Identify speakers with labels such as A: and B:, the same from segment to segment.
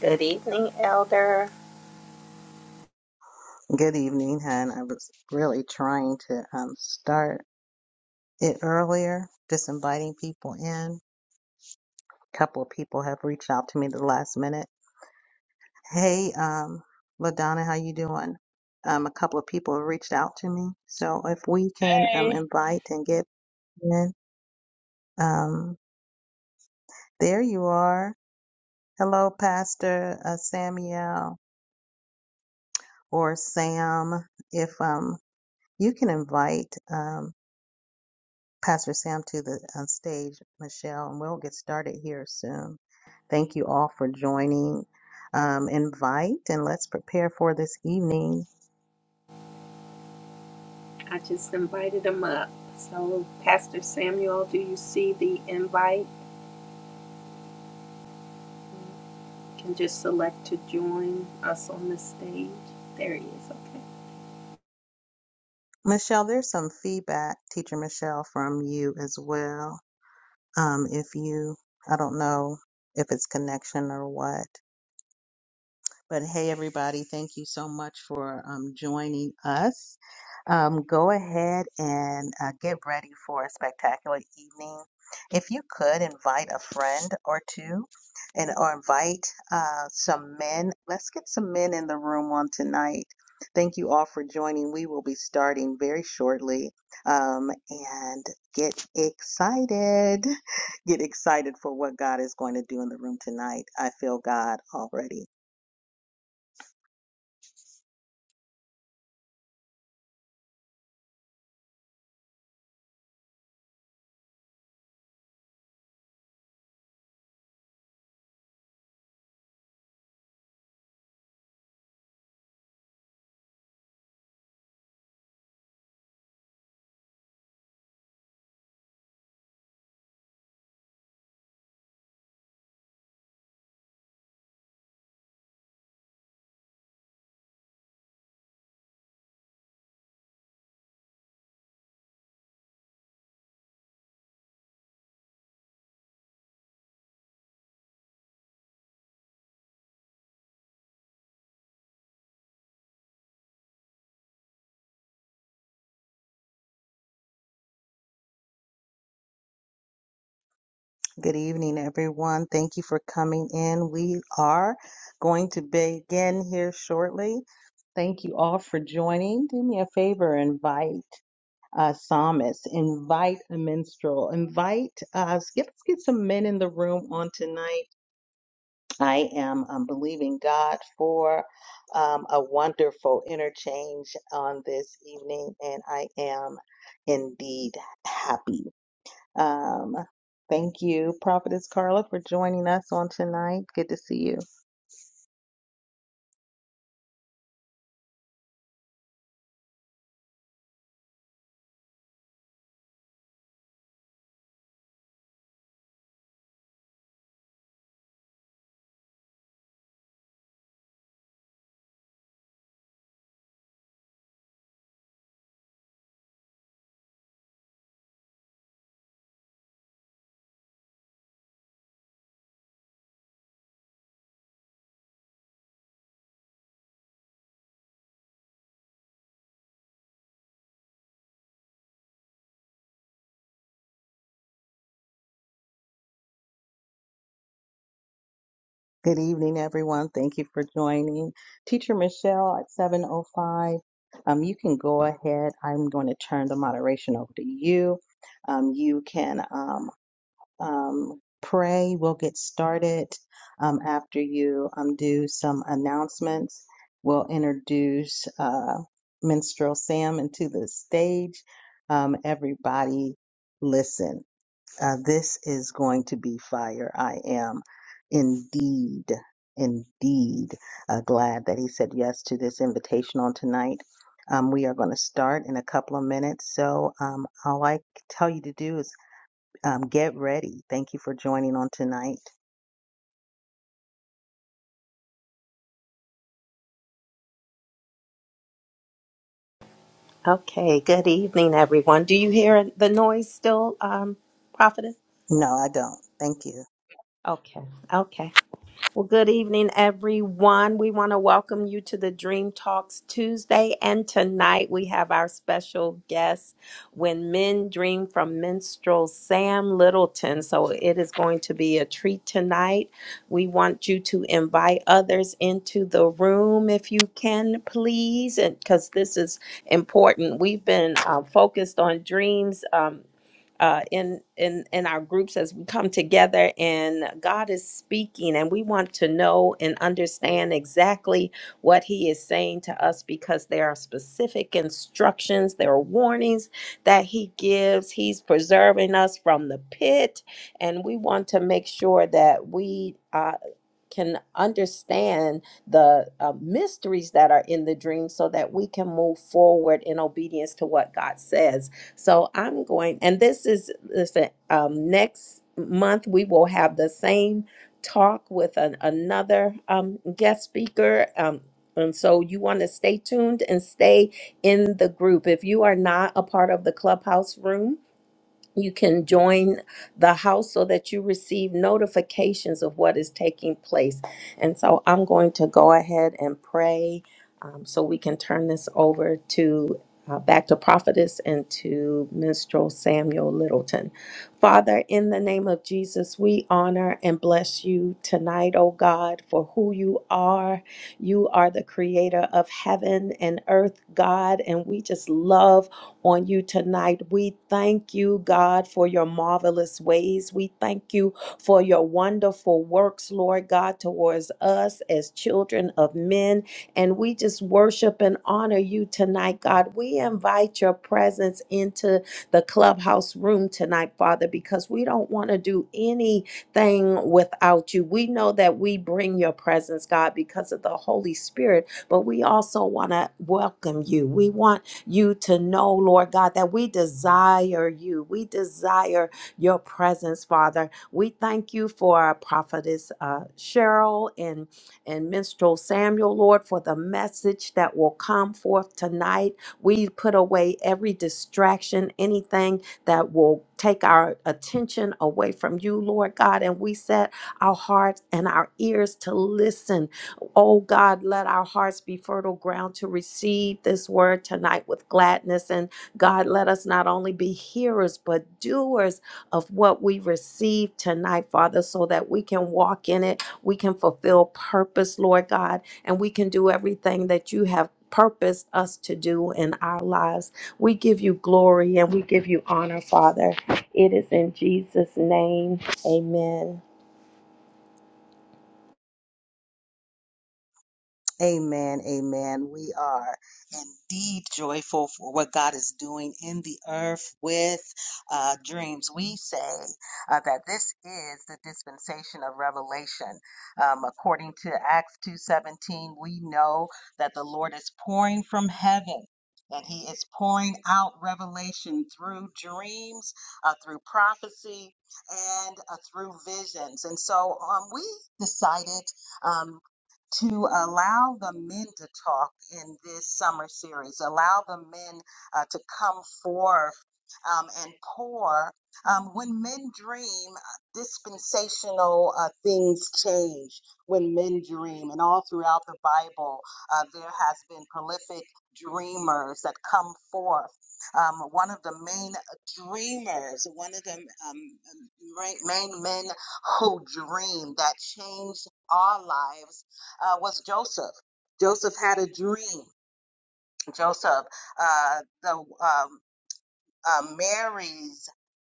A: Good evening, Elder.
B: Good evening, hun. I was really trying to um, start it earlier, just inviting people in. A couple of people have reached out to me the last minute. Hey, um, LaDonna, how you doing? Um, a couple of people have reached out to me. So if we can um,
C: Hey.
B: invite and get in, um, there you are. Hello, Pastor uh, Samuel or Sam. If um, you can invite. Um, Pastor Sam to the uh, stage, Michelle, and we'll get started here soon. Thank you all for joining. Um, invite and let's prepare for this evening. Michelle, there's some feedback, Teacher Michelle, from you as well. Um, if you, I don't know if it's connection or what. But hey, everybody, thank you so much for um, joining us. Um, go ahead and uh, get ready for a spectacular evening. If you could invite a friend or two, and or invite uh, some men. Let's get some men in the room on tonight. Thank you all for joining. We will be starting very shortly. Um, and get excited. Get excited for what God is going to do in the room tonight. I feel God already. Good evening, everyone. Thank you for coming in. We are going to begin here shortly. Thank you all for joining. Do me a favor, invite a psalmist, invite a minstrel, invite us. Get, let's get some men in the room on tonight. I am um, believing God for um, a wonderful interchange on this evening, and I am indeed happy. Um, thank you, Prophetess Carla, for joining us on tonight. Good to see you. Good evening, everyone. Thank you for joining. Teacher Michelle at 7.05, um, you can go ahead. I'm going to turn the moderation over to you. Um, you can um. um, pray. We'll get started um, after you um, do some announcements. We'll introduce uh, Minstrel Sam into the stage. Um, everybody, listen. Uh, this is going to be fire. I am indeed, indeed uh, glad that he said yes to this invitation on tonight. Um, we are going to start in a couple of minutes. So um, all I can tell you to do is um, get ready. Thank you for joining on tonight.
A: Okay, good evening, everyone. Do you hear the noise still, um, Prophetess?
B: No, I don't. Thank you.
A: Okay, okay. Well, good evening, everyone. We want to welcome you to the Dream Talks Tuesday. And tonight we have our special guest, When Men Dream from Minstrel Sam Littleton. So it is going to be a treat tonight. We want you to invite others into the room if you can, please, because this is important. We've been uh, focused on dreams. Um, uh, in in in our groups as we come together and God is speaking and we want to know and understand exactly what he is saying to us because there are specific instructions there are warnings that he gives he's preserving us from the pit and we want to make sure that we Uh, can understand the uh, mysteries that are in the dream so that we can move forward in obedience to what God says. So I'm going, and this is, listen, um, next month we will have the same talk with an, another um, guest speaker. Um, and so you want to stay tuned and stay in the group. If you are not a part of the clubhouse room, you can join the house so that you receive notifications of what is taking place. And so I'm going to go ahead and pray um, so we can turn this over to. Uh, back to prophetess and to minstrel Samuel Littleton. Father, in the name of Jesus, we honor and bless you tonight, O God, for who you are. You are the creator of heaven and earth, God, and we just love on you tonight. We thank you, God, for your marvelous ways. We thank you for your wonderful works, Lord God, towards us as children of men. And we just worship and honor you tonight, God. We invite your presence into the clubhouse room tonight, Father, because we don't want to do anything without you. We know that we bring your presence, God, because of the Holy Spirit, but we also want to welcome you. We want you to know, Lord God, that we desire you. We desire your presence, Father. We thank you for our prophetess uh, Cheryl and, and minstrel Samuel, Lord, for the message that will come forth tonight. We put away every distraction, anything that will take our attention away from you, Lord God, and we set our hearts and our ears to listen so, oh God, let our hearts be fertile ground to receive this word tonight with gladness. And God, let us not only be hearers, but doers of what we receive tonight, Father, so that we can walk in it. We can fulfill purpose, Lord God, and we can do everything that you have purposed us to do in our lives. We give you glory and we give you honor, Father. It is in Jesus' name. Amen.
B: Amen. Amen. We are indeed joyful for what God is doing in the earth with uh, dreams. We say uh, that this is the dispensation of revelation. Um, according to Acts 2:17, we know that the Lord is pouring from heaven. And he is pouring out revelation through dreams, uh, through prophecy, and uh, through visions. And so um, we decided um, to allow the men to talk in this summer series, allow the men uh, to come forth um, and pour. Um, when men dream, uh, dispensational uh, things change when men dream. And all throughout the Bible, uh, there has been prolific dreamers that come forth. Um, one of the main uh, dreamers, one of the um, main men who dream that changed our lives uh, was Joseph. Joseph had a dream. Joseph, uh, the um, uh, Mary's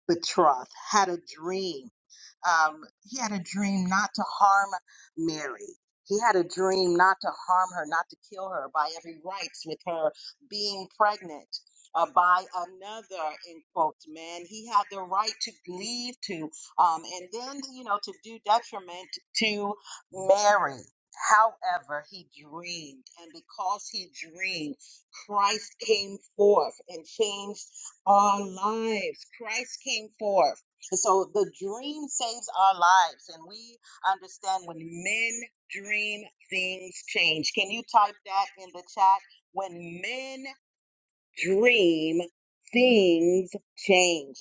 B: betrothed, had a dream um, he had a dream not to harm Mary. He had a dream not to harm her, not to kill her by every rights with her being pregnant uh, by another, in quotes, man. He had the right to leave to, um, and then, you know, to do detriment to Mary. However, he dreamed, and because he dreamed, Christ came forth and changed our lives. Christ came forth and so the dream saves our lives. And we understand when men dream, things change. Can you type that in the chat? When men dream, things change.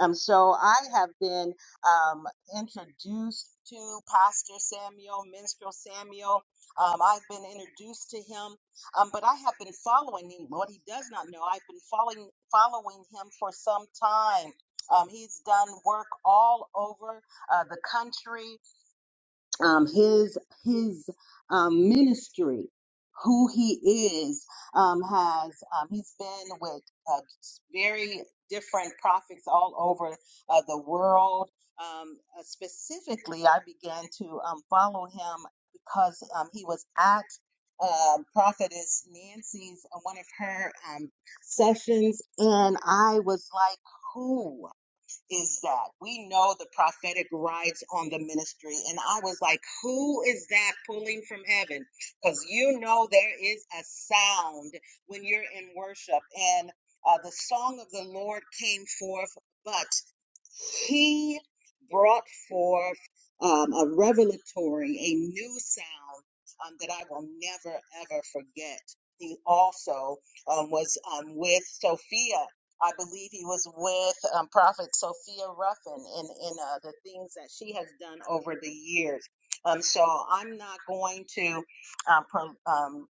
B: Um, so I have been um, introduced to Pastor Samuel, Minstrel Samuel. Um, I've been introduced to him, um, but I have been following him. What he does not know, I've been following following him for some time. Um, he's done work all over uh, the country um, his his um, ministry, who he is, um, has um, he's been with uh, very different prophets all over uh, the world. Um, uh, specifically, I began to um, follow him because um, he was at um prophetess Nancy's uh, one of her um, sessions, and I was like, who? is that we know the prophetic rides on the ministry. And I was like, who is that pulling from heaven? Because you know there is a sound when you're in worship. And uh, the song of the Lord came forth. but. He brought forth um, a revelatory, a new sound um, that I will never, ever forget. He also um, was um, with Sophia. I believe he was with um, Prophet Sophia Ruffin in, in uh, the things that she has done over the years. Um, so I'm not going to um, pro- um,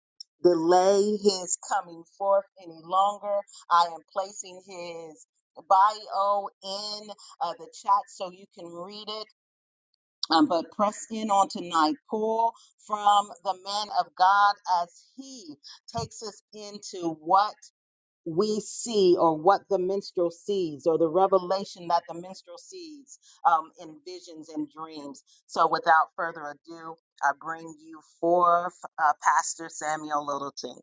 B: delay his coming forth any longer. I am placing his bio in uh, the chat so you can read it. Um, but press in on tonight. Pull from the man of God as he takes us into what we see or what the minstrel sees or the revelation that the minstrel sees um, in visions and dreams. So without further ado, I bring you forth uh, Pastor Samuel Littleton.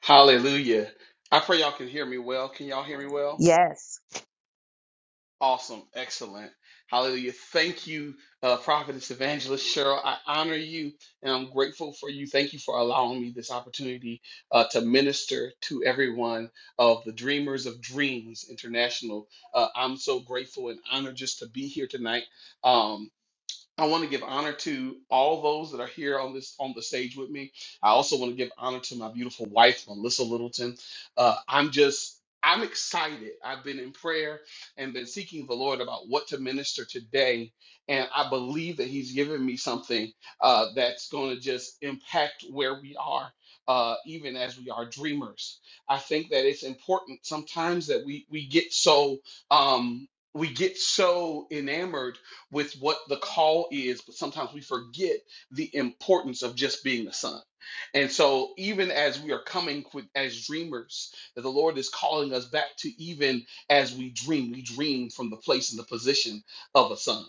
D: Hallelujah. I pray y'all can hear me well. Can y'all hear me well?
B: Yes,
D: Awesome. Excellent. Hallelujah. Thank you, uh, Prophetess Evangelist Cheryl. I honor you and I'm grateful for you. Thank you for allowing me this opportunity uh, to minister to everyone of the Dreamers of Dreams International. Uh, I'm so grateful and honored just to be here tonight. Um, I want to give honor to all those that are here on this on the stage with me. I also want to give honor to my beautiful wife, Melissa Littleton. Uh, I'm just I'm excited. I've been in prayer and been seeking the Lord about what to minister today, and I believe that He's given me something uh, that's going to just impact where we are. Uh, even as we are dreamers, I think that it's important sometimes that we we get so um, we get so enamored with what the call is, but sometimes we forget the importance of just being the son. And so, even as we are coming with, as dreamers, that the Lord is calling us back to even as we dream, we dream from the place and the position of a son.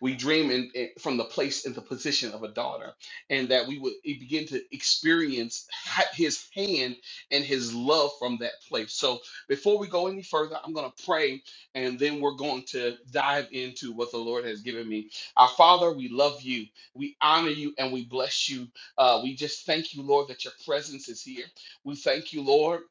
D: We dream in, in- from the place and the position of a daughter, and that we would begin to experience ha- His hand and His love from that place. So, before we go any further, I'm going to pray, and then we're going to dive into what the Lord has given me. Our Father, we love you, we honor you, and we bless you. Uh, we just thank you, Lord, that your presence is here. We thank you, Lord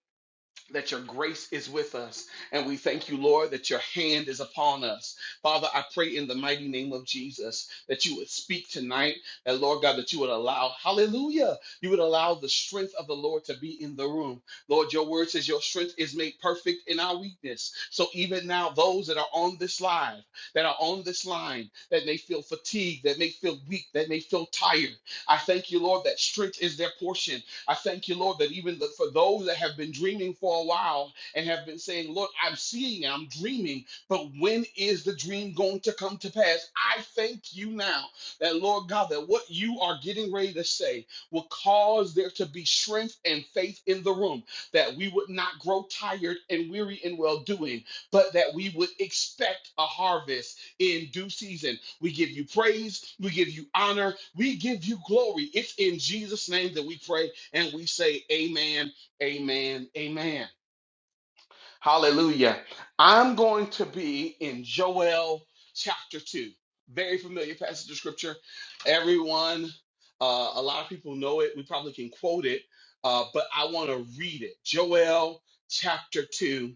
D: that your grace is with us. And we thank you, Lord, that your hand is upon us. Father, I pray in the mighty name of Jesus that you would speak tonight, and Lord God, that you would allow, hallelujah, you would allow the strength of the Lord to be in the room. Lord, your word says your strength is made perfect in our weakness. So even now, those that are on this live, that are on this line, that may feel fatigued, that may feel weak, that may feel tired, I thank you, Lord, that strength is their portion I thank you, Lord, that even the, for those that have been dreaming for a while and have been saying, Lord, I'm seeing, I'm dreaming, but when is the dream going to come to pass? I thank you now that, Lord God, that what you are getting ready to say will cause there to be strength and faith in the room, that we would not grow tired and weary in well doing, but that we would expect a harvest in due season. We give you praise, we give you honor, we give you glory. It's in Jesus' name that we pray and we say, Amen, Amen, Amen. Hallelujah. I'm going to be in Joel chapter 2. Very familiar passage of scripture. Everyone, uh, a lot of people know it. We probably can quote it, uh, but I want to read it. Joel chapter 2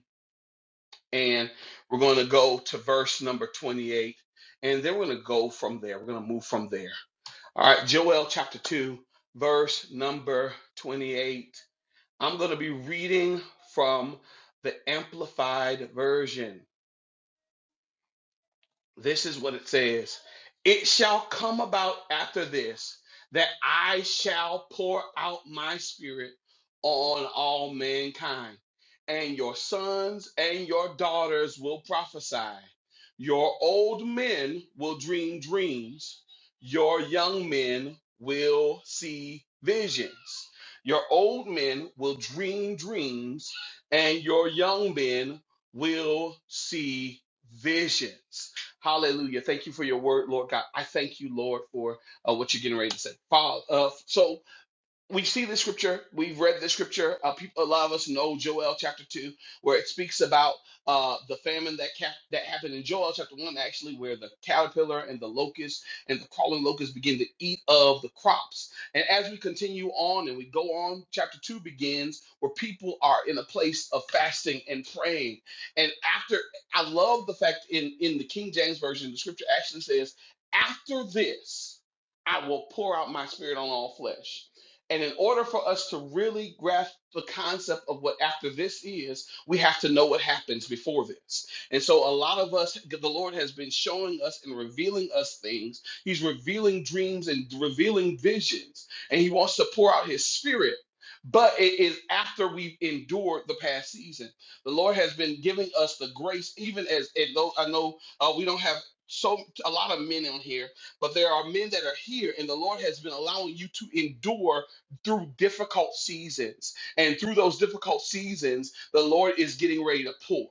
D: and we're going to go to verse number 28 and then we're going to go from there we're going to move from there all right joel chapter 2 verse number 28 i'm going to be reading from the amplified version this is what it says It shall come about after this that I shall pour out my spirit on all mankind, and your sons and your daughters will prophesy. Your old men will dream dreams, your young men will see visions. Your old men will dream dreams, and your young men will see visions Hallelujah. Thank you for your word, Lord God. I thank you, Lord, for uh, what you're getting ready to say. Father, uh, so we see the scripture. We've read the scripture. Uh, people, a lot of us know Joel chapter two, where it speaks about uh, the famine that cap- that happened in Joel chapter one, actually, where the caterpillar and the locust and the crawling locust begin to eat of the crops. And as we continue on and we go on, chapter two begins where people are in a place of fasting and praying. And after, I love the fact in in the King James version, the scripture actually says, "After this, I will pour out my spirit on all flesh." And in order for us to really grasp the concept of what after this is, we have to know what happens before this. And so, a lot of us, the Lord has been showing us and revealing us things. He's revealing dreams and revealing visions, and He wants to pour out His Spirit. But it is after we've endured the past season. The Lord has been giving us the grace, even as and though I know uh, we don't have so a lot of men on here, but there are men that are here, and the Lord has been allowing you to endure through difficult seasons. And through those difficult seasons, the Lord is getting ready to pour.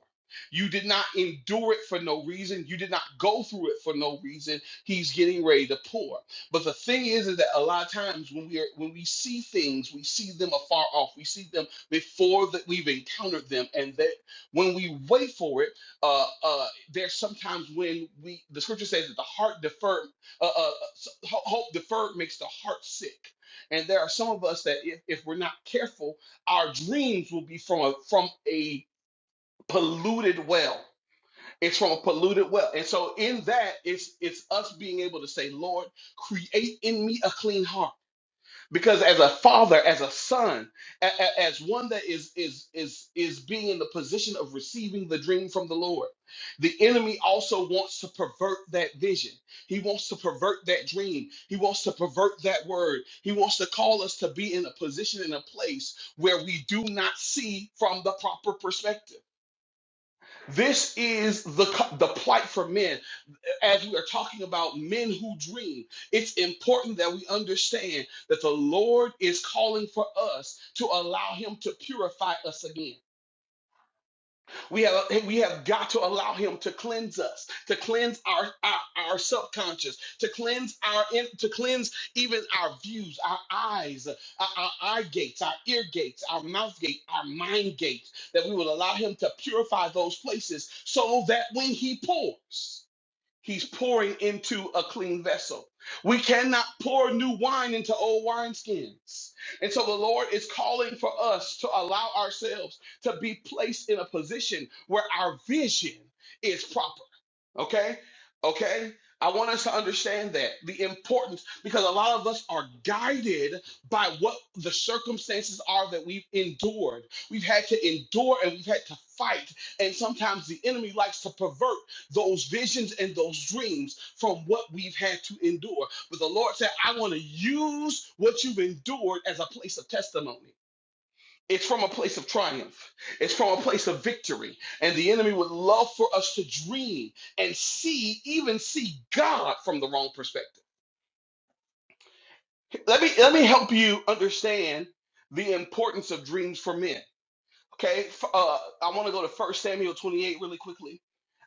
D: You did not endure it for no reason. You did not go through it for no reason. He's getting ready to pour. But the thing is, is that a lot of times when we are when we see things, we see them afar off. We see them before that we've encountered them, and that when we wait for it, uh, uh, there's sometimes when we the scripture says that the heart deferred, uh, uh, s- ho- hope deferred makes the heart sick and there are some of us that, if, if we're not careful, our dreams will be from a, from a polluted well. It's from a polluted well. And so, in that, it's, it's us being able to say, Lord, create in me a clean heart because as a father as a son a- a- as one that is is is is being in the position of receiving the dream from the lord the enemy also wants to pervert that vision he wants to pervert that dream he wants to pervert that word he wants to call us to be in a position in a place where we do not see from the proper perspective this is the co- the plight for men as we are talking about men who dream, it's important that we understand that the Lord is calling for us to allow Him to purify us again. We have we have got to allow Him to cleanse us, to cleanse our our, our subconscious, to cleanse our to cleanse even our views, our eyes, our, our eye gates, our ear gates, our mouth gate, our mind gates. That we will allow Him to purify those places, so that when He pours. He's pouring into a clean vessel. We cannot pour new wine into old wineskins. And so the Lord is calling for us to allow ourselves to be placed in a position where our vision is proper. Okay? Okay? I want us to understand that the importance, because a lot of us are guided by what the circumstances are that we've endured. We've had to endure and we've had to fight. And sometimes the enemy likes to pervert those visions and those dreams from what we've had to endure. But the Lord said, I want to use what you've endured as a place of testimony. It's from a place of triumph. It's from a place of victory. And the enemy would love for us to dream and see, even see God from the wrong perspective. Let me let me help you understand the importance of dreams for men. Okay, uh, I want to go to First Samuel 28 really quickly.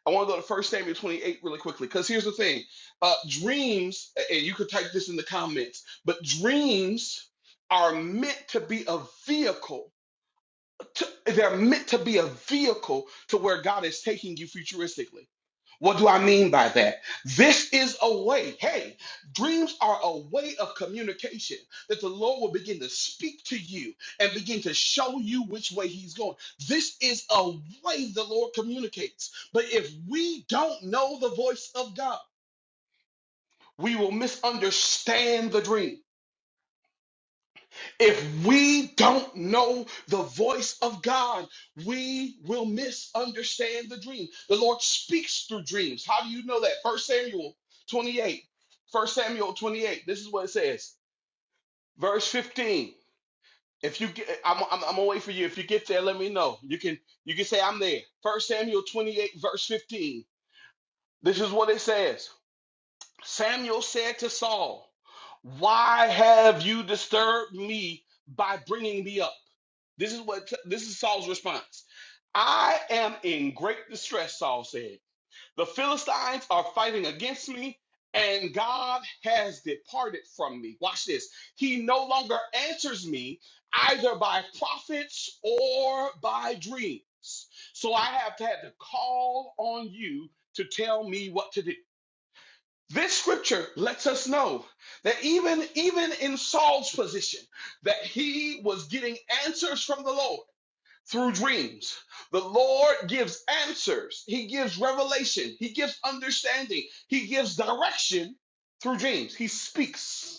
D: I want to go to First Samuel 28 really quickly because here's the thing: uh, dreams, and you could type this in the comments, but dreams are meant to be a vehicle to- they're meant to be a vehicle to where God is taking you futuristically. What do I mean by that? This is a way. Hey, dreams are a way of communication that the Lord will begin to speak to you and begin to show you which way He's going. This is a way the Lord communicates. But if we don't know the voice of God, we will misunderstand the dream If we don't know the voice of God, we will misunderstand the dream. The Lord speaks through dreams. How do you know that? First Samuel 28. First Samuel 28. This is what it says. Verse 15. If you get I'm, I'm, I'm gonna wait for you. If you get there, let me know. You can you can say I'm there. First Samuel 28, verse 15. This is what it says. Samuel said to Saul, Why have you disturbed me by bringing me up? This is what this is Saul's response. I am in great distress, Saul said. The Philistines are fighting against me, and God has departed from me. Watch this. He no longer answers me either by prophets or by dreams. So I have had to call on you to tell me what to do. This scripture lets us know that even, even in Saul's position, that he was getting answers from the Lord through dreams. The Lord gives answers. He gives revelation. He gives understanding. He gives direction through dreams. He speaks.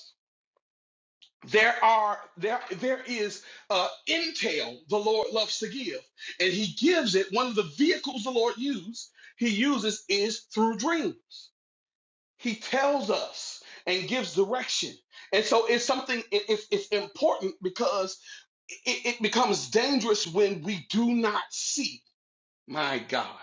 D: There are there there is uh, intel the Lord loves to give, and He gives it. One of the vehicles the Lord used, He uses is through dreams. He tells us and gives direction. And so it's something, it, it's it's important because it, it becomes dangerous when we do not see, my God.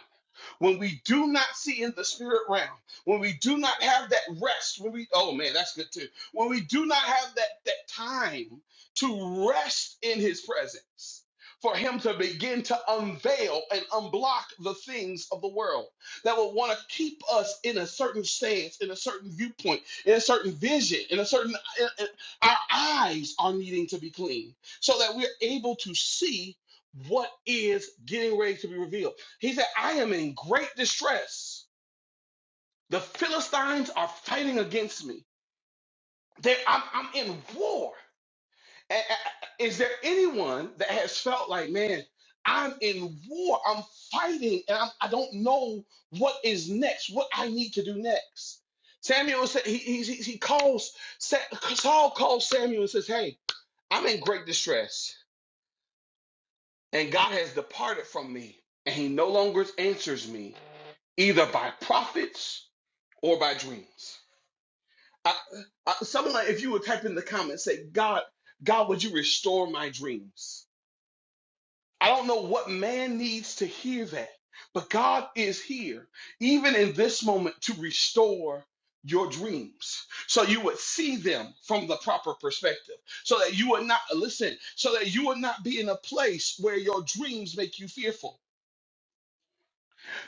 D: When we do not see in the spirit realm, when we do not have that rest, when we oh man, that's good too. When we do not have that that time to rest in his presence. For him to begin to unveil and unblock the things of the world that will want to keep us in a certain stance, in a certain viewpoint, in a certain vision, in a certain, in- in- our eyes are needing to be clean so that we're able to see what is getting ready to be revealed. He said, I am in great distress. The Philistines are fighting against me. They, I'm, I'm in war. A- a- Is there anyone that has felt like, man, I'm in war, I'm fighting, and I'm, I don't know what is next, what I need to do next? Samuel said, he, he, he he calls, Sa- Saul calls Samuel and says, hey, I'm in great distress, and God has departed from me, and he no longer answers me, either by prophets or by dreams. I, I, someone, if you would type in the comments, say, God, God, would you restore my dreams? I don't know what man needs to hear that, but God is here, even in this moment, to restore your dreams so you would see them from the proper perspective so that you would not listen so that you would not be in a place where your dreams make you fearful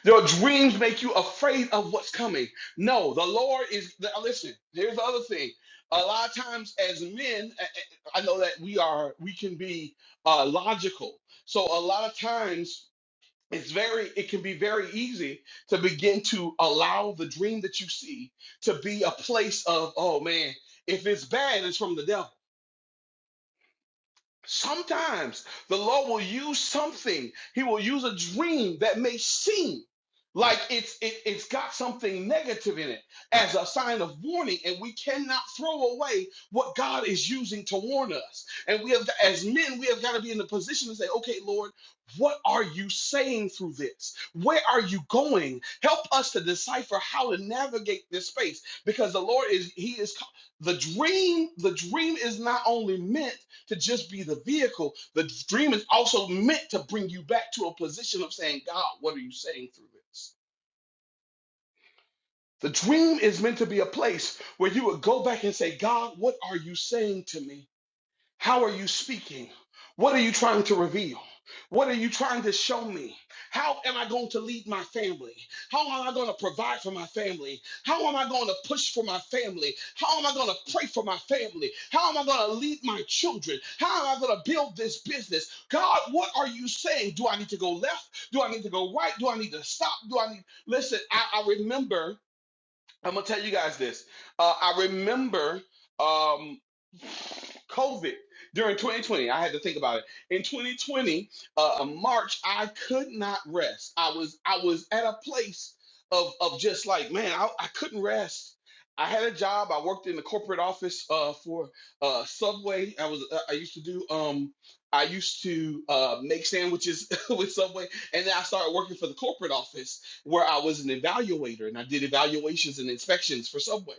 D: Your dreams make you afraid of what's coming. No, the Lord is. the- Listen, here's the other thing. A lot of times, as men, I I- I know that we are. We can be uh, logical. So a lot of times, it's very. It can be very easy to begin to allow the dream that you see to be a place of, oh man, if it's bad, it's from the devil. Sometimes the Lord will use something. He will use a dream that may seem like it's it, it's got something negative in it as a sign of warning, and we cannot throw away what God is using to warn us. And we have, as men, we have got to be in the position to say, "Okay, Lord, what are you saying through this? Where are you going? Help us to decipher how to navigate this space, because the Lord is He is the dream. The dream is not only meant." to just be the vehicle. The dream is also meant to bring you back to a position of saying, God, what are you saying through this? The dream is meant to be a place where you would go back and say, God, what are you saying to me? How are you speaking? What are you trying to reveal? What are you trying to show me? How am I going to lead my family? How am I going to provide for my family? How am I going to push for my family? How am I going to pray for my family? How am I going to lead my children? How am I going to build this business? God, what are you saying? Do I need to go left? Do I need to go right? Do I need to stop? Do I need. Listen, I, I remember. I'm gonna tell you guys this. Uh, I remember um, COVID during 2020. I had to think about it. In 2020, uh, uh, March, I could not rest. I was I was at a place of of just like man, I, I couldn't rest. I had a job. I worked in the corporate office uh, for uh, Subway. I was uh, I used to do um, I used to uh, make sandwiches with Subway, and then I started working for the corporate office where I was an evaluator and I did evaluations and inspections for Subway.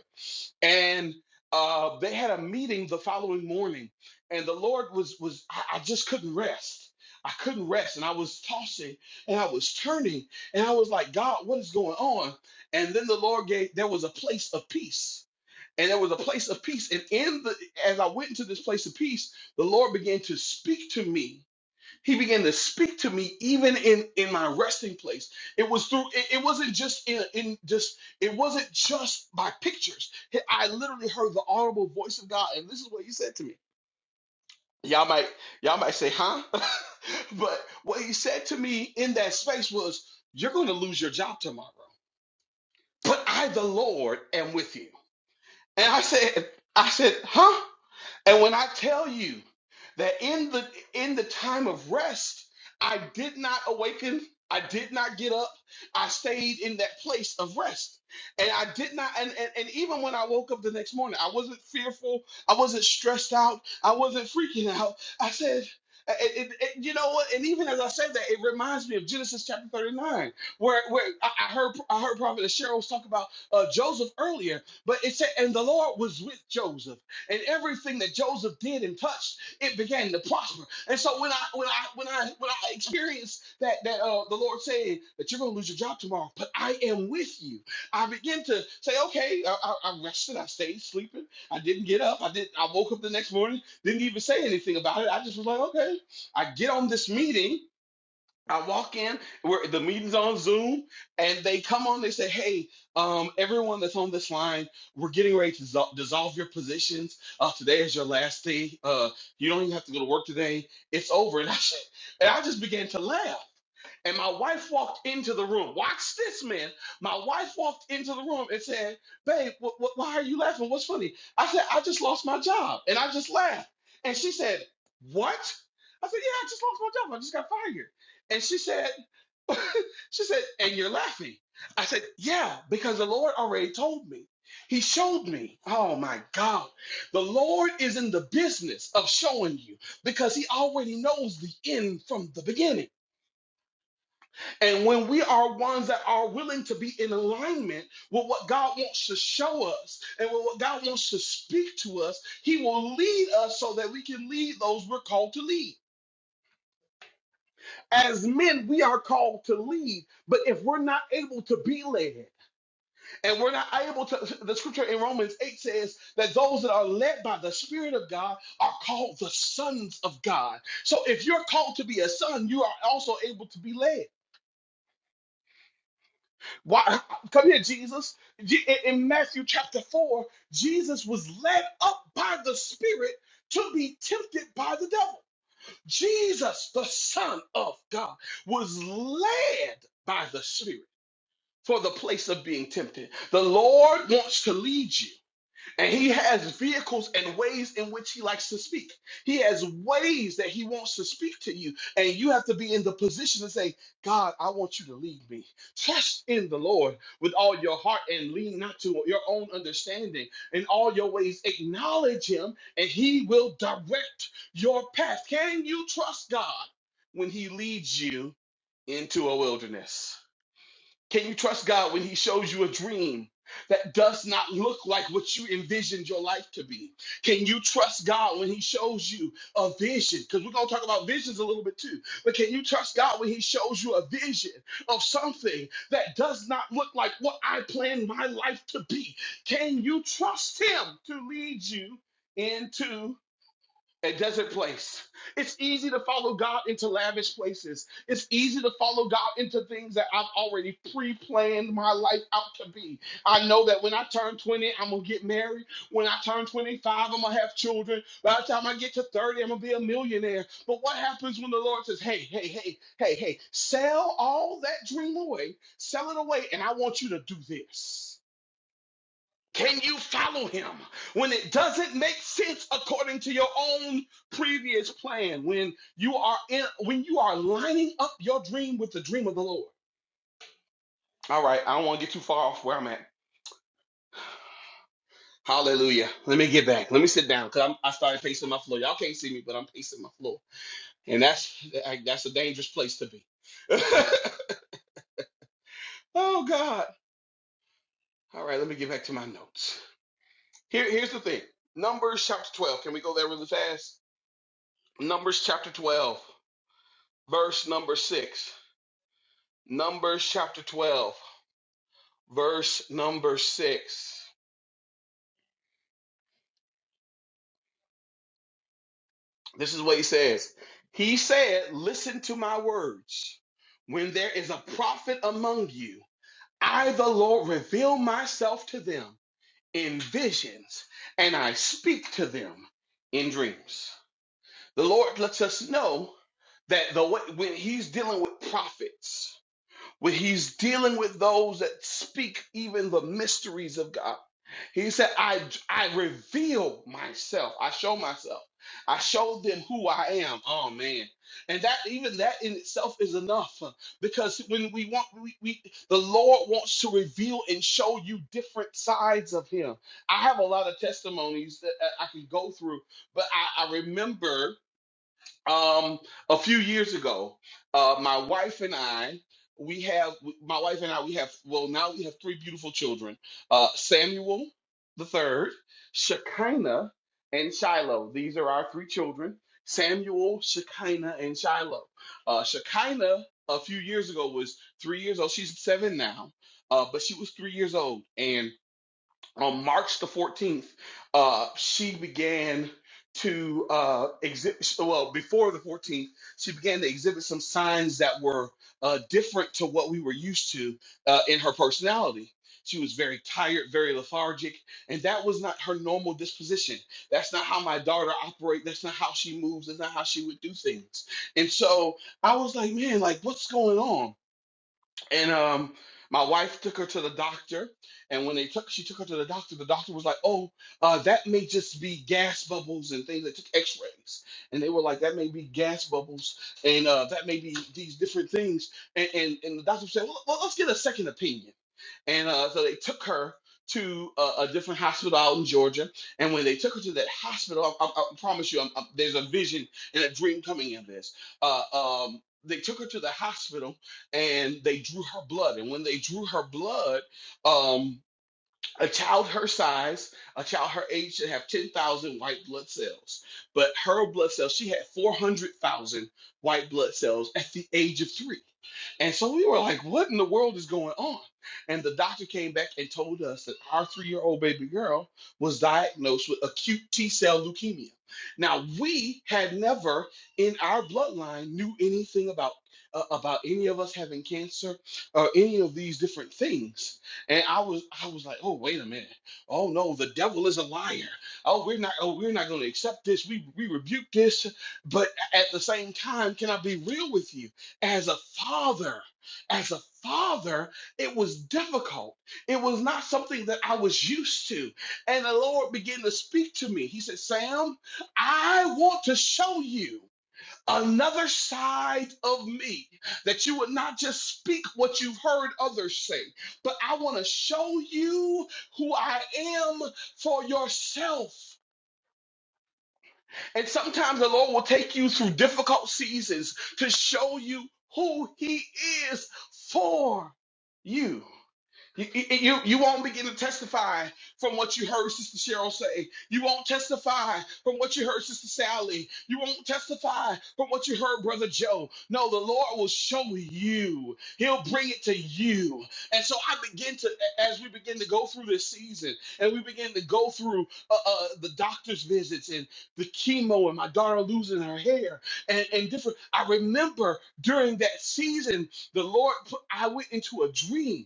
D: And uh, they had a meeting the following morning, and the Lord was was I, I just couldn't rest. I couldn't rest, and I was tossing and I was turning, and I was like, God, what is going on? And then the Lord gave there was a place of peace. And there was a place of peace. And in the as I went into this place of peace, the Lord began to speak to me he began to speak to me even in in my resting place it was through it, it wasn't just in, in just it wasn't just by pictures i literally heard the audible voice of god and this is what he said to me y'all might y'all might say huh but what he said to me in that space was you're going to lose your job tomorrow but i the lord am with you and i said i said huh and when I tell you that in the in the time of rest, I did not awaken, I did not get up, I stayed in that place of rest. And I did not and, and, and even when I woke up the next morning, I wasn't fearful, I wasn't stressed out, I wasn't freaking out. I said it, it- it- you know what? And even as I said that, it reminds me of Genesis chapter 39, where, where I, I heard I heard Prophet Cheryl talk about uh, Joseph earlier, but it said, and the Lord was with Joseph and everything that Joseph did and touched, it began to prosper. And so when I when I when I when I experienced that that uh, the Lord said that you're going to lose your job tomorrow, but I am with you. I begin to say, okay, I, I, I rested, I stayed sleeping, I didn't get up, I did, I woke up the next morning, didn't even say anything about it. I just was like, okay, I get on this meeting I walk in where the meeting's on Zoom, and they come on. They say, "Hey, um, everyone that's on this line, we're getting ready to dissol- dissolve your positions. Uh, today is your last day. Uh, you don't even have to go to work today. It's over." And I, and I just began to laugh. And my wife walked into the room. Watch this, man. My wife walked into the room and said, Babe, wh- wh- why are you laughing? What's funny? I said, I just lost my job. And I just laughed. And she said, What? I said, Yeah, I just lost my job. I just got fired. And she said, She said, And you're laughing. I said, Yeah, because the Lord already told me. He showed me. Oh my God. The Lord is in the business of showing you because He already knows the end from the beginning. And when we are ones that are willing to be in alignment with what God wants to show us and with what God wants to speak to us, He will lead us so that we can lead those we're called to lead. As men, we are called to lead, but if we're not able to be led and we're not able to, the scripture in Romans 8 says that those that are led by the Spirit of God are called the sons of God. So if you're called to be a son, you are also able to be led. Why? Come here, Jesus. Je- In in Matthew chapter 4, Jesus was led up by the Spirit to be tempted by the devil. Jesus, the Son of God, was led by the Spirit for the place of being tempted. The Lord wants to lead you. And he has vehicles and ways in which he likes to speak. He has ways that he wants to speak to you. And you have to be in the position to say, God, I want you to lead me. Trust in the Lord with all your heart and lean not to your own understanding. In all your ways, acknowledge him and he will direct your path. Can you trust God when he leads you into a wilderness? Can you trust God when He shows you a dream that does not look like what you envisioned your life to be? Can you trust God when He shows you a vision? Because we're going to talk about visions a little bit too. But can you trust God when He shows you a vision of something that does not look like what I planned my life to be? Can you trust Him to lead you into? a desert place. It's easy to follow God into lavish places. It's easy to follow God into things that I've already pre planned my life out to be. I know that when I turn 20, I'm going to get married. When I turn 25, I'm going to have children. By the time I get to 30, I'm going to be a millionaire. But what happens when the Lord says, hey, hey, hey, hey, hey, sell all that dream away, sell it away, and I want you to do this? Can you follow him when it doesn't make sense according to your own previous plan? When you are in, when you are lining up your dream with the dream of the Lord. All right, I don't want to get too far off where I'm at. Hallelujah. Let me get back. Let me sit down because I started pacing my floor. Y'all can't see me, but I'm pacing my floor, and that's like, that's a dangerous place to be. oh God. All right, let me get back to my notes. Here, here's the thing. Numbers chapter 12. Can we go there really fast? Numbers chapter 12. verse number six. Numbers chapter 12, verse number six. This is what he says. He said, Listen to my words. When there is a prophet among you, I, the Lord, reveal myself to them in visions, and I speak to them in dreams. The Lord lets us know that the way, when he's dealing with prophets, where he's dealing with those that speak even the mysteries of God. He said, I, I reveal myself. I show myself. I show them who I am. Oh man. And that even that in itself is enough. uh, Because when we want we, we the Lord wants to reveal and show you different sides of him. I have a lot of testimonies that uh, I can go through, but I, I remember um, a few years ago, uh, my wife and I, we have my wife and I, we have well now we have three beautiful children: uh, Samuel the third, Shekinah, and Shiloh. These are our three children: Samuel, Shekinah, and Shiloh. Uh, Shekinah, a few years ago, was three years old. She's seven now, uh, but she was three years old, and on March the 14th, uh, she began to uh, exhibit, well, before the 14th, she began to exhibit some signs that were uh, different to what we were used to uh, in her personality. She was very tired, very lethargic, and that was not her normal disposition. That's not how my daughter operates. That's not how she moves. That's not how she would do things. And so I was like, man, like, what's going on? and um my wife took her to the doctor and when they took she took her to the doctor the doctor was like oh uh, that may just be gas bubbles and things that took x-rays and they were like that may be gas bubbles and uh, that may be these different things and, and, and the doctor said well, well let's get a second opinion and uh, so they took her to a, a different hospital out in Georgia. And when they took her to that hospital, I, I, I promise you, I'm, I'm- there's a vision and a dream coming in this. Uh, um, they took her to the hospital and they drew her blood. And when they drew her blood, um, a child her size, a child her age should have 10,000 white blood cells. But her blood cells, she had 400,000 white blood cells at the age of three. And so we were like, what in the world is going on? And the doctor came back and told us that our three year old baby girl was diagnosed with acute T cell leukemia. Now, we had never in our bloodline knew anything about, uh, about any of us having cancer or any of these different things. And I was I was like, oh wait a minute. Oh no, the devil is a liar. Oh, we're not oh we're not gonna accept this. We we rebuke this. But at the same time, can I be real with you? As a father, as a father, it was difficult. It was not something that I was used to. And the Lord began to speak to me. He said, Sam, I want to show you another side of me that you would not just speak what you've heard others say, but I want to show you who I am for yourself. And sometimes the Lord will take you through difficult seasons to show you who He is for you. You, you, you won't begin to testify from what you heard Sister Cheryl say. You won't testify from what you heard Sister Sally. You won't testify from what you heard Brother Joe. No, the Lord will show you. He'll bring it to you. And so I begin to, as we begin to go through this season, and we begin to go through uh, uh, the doctor's visits and the chemo and my daughter losing her hair and, and different. I remember during that season, the Lord, put, I went into a dream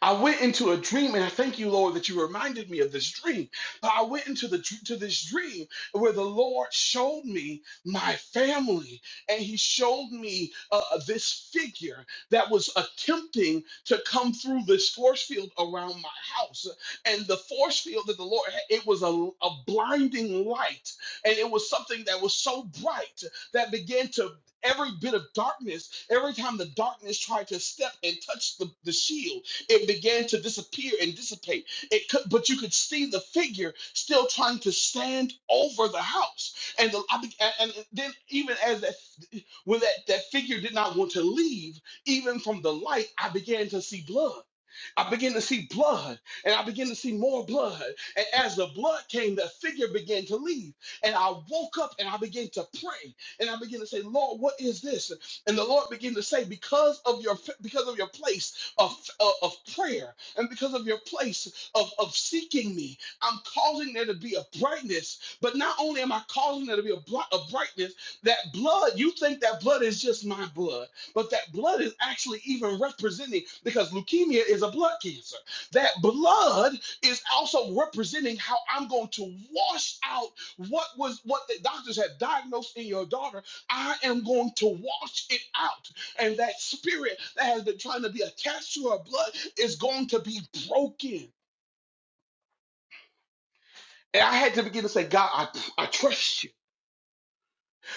D: I went into a dream, and I thank you, Lord, that you reminded me of this dream. But I went into the to this dream where the Lord showed me my family, and He showed me uh, uh, this figure that was attempting to come through this force field around my house, and the force field that the Lord had, it was a, a blinding light, and it was something that was so bright that began to. Every bit of darkness, every time the darkness tried to step and touch the, the shield, it began to disappear and dissipate. It could, but you could see the figure still trying to stand over the house. And the, I, be- and and then even as that, when that, that figure did not want to leave, even from the light, I began to see blood. I began to see blood and I began to see more blood. And as the blood came, the figure began to leave. And I woke up and I began to pray and I began to say, Lord, what is this? And the Lord began to say, because of your because of your place of, of, of prayer and because of your place of, of seeking me, I'm causing there to be a brightness. But not only am I causing there to be a, bri- a brightness, that blood, you think that blood is just my blood. But that blood is actually even representing, because leukemia is a blood cancer. That blood is also representing how I'm going to wash out what was what the doctors had diagnosed in your daughter. I am going to wash it out. And that spirit that has been trying to be attached to her blood is going to be broken. And I had to begin to say, God, I, I trust you.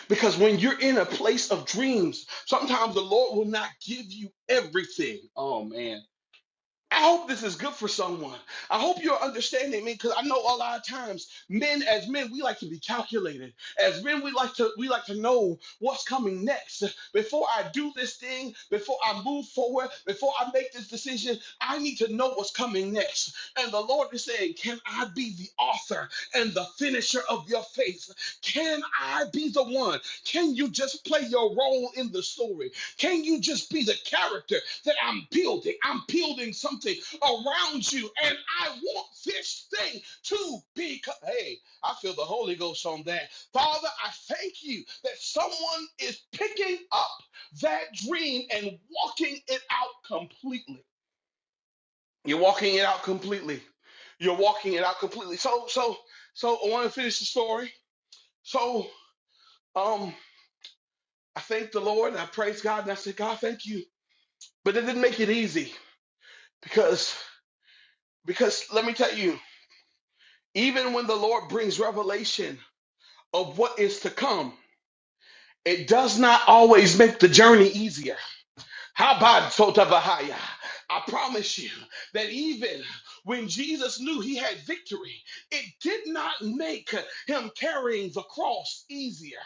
D: Because when you're in a place of dreams, sometimes the Lord will not give you everything. Oh man. I hope this is good for someone. I hope you're understanding me because I know a lot of times men as men we like to be calculated. As men we like to we like to know what's coming next. Before I do this thing, before I move forward, before I make this decision, I need to know what's coming next. And the Lord is saying, "Can I be the author and the finisher of your faith? Can I be the one? Can you just play your role in the story? Can you just be the character that I'm building? I'm building something around you, and I want this thing to be. Hey, I feel the Holy Ghost on that. Father, I thank you that someone is picking up that dream and walking it out completely. You're walking it out completely. You're walking it out completely. So, so, so I want to finish the story. So, um, I thank the Lord. and I praise God, and I said, God, thank you. But it didn't make it easy. Because because let me tell you, even when the Lord brings revelation of what is to come, it does not always make the journey easier. Habad Sotavahaya. I promise you that even when Jesus knew he had victory, it did not make him carrying the cross easier.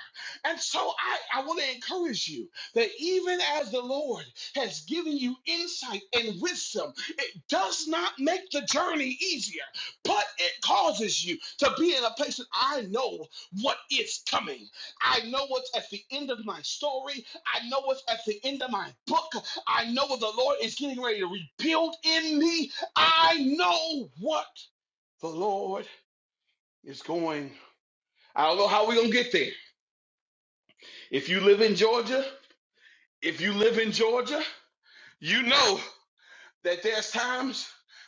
D: And so I, I want to encourage you that even as the Lord has given you insight and wisdom, it does not make the journey easier, but it causes you to be in a place that I know what is coming. I know what's at the end of my story. I know it's at the end of my book. I know what the Lord is getting ready to rebuild in me. I know what the Lord is going. I don't know how we're going to get there. If you live in Georgia, if you live in Georgia, you know. that there's times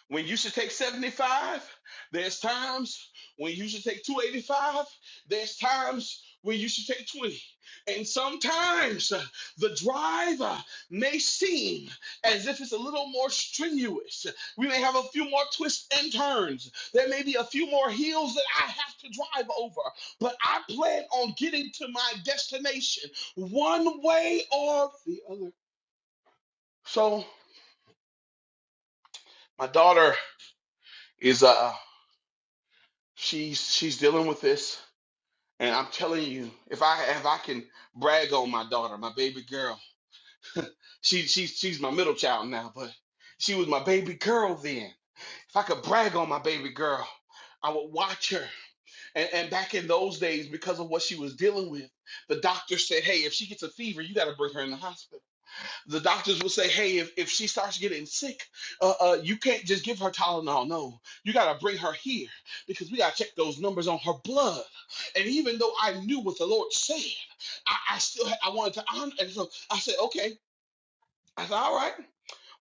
D: when you should take 75, there's times when you should take 285, there's times when you should take 20. And sometimes uh, the drive uh, may seem as if it's a little more strenuous. We may have a few more twists and turns. There may be a few more hills that I have to drive over, but I plan on getting to my destination one way or the other. So, my daughter is a She's she's dealing with this, and I'm telling you, if I if I can brag on my daughter, my baby girl, she she's she's my middle child now, but she was my baby girl then. If I could brag on my baby girl, I would watch her. And and back in those days, because of what she was dealing with, the doctor said, "Hey, if she gets a fever, you got to bring her in the hospital." The doctors will say, hey, if, if she starts getting sick, uh, uh, you can't just give her Tylenol. No, you got to bring her here because we got to check those numbers on her blood. And even though I knew what the Lord said, I, I still had, I wanted to honor. And so I said, okay. I said, all right.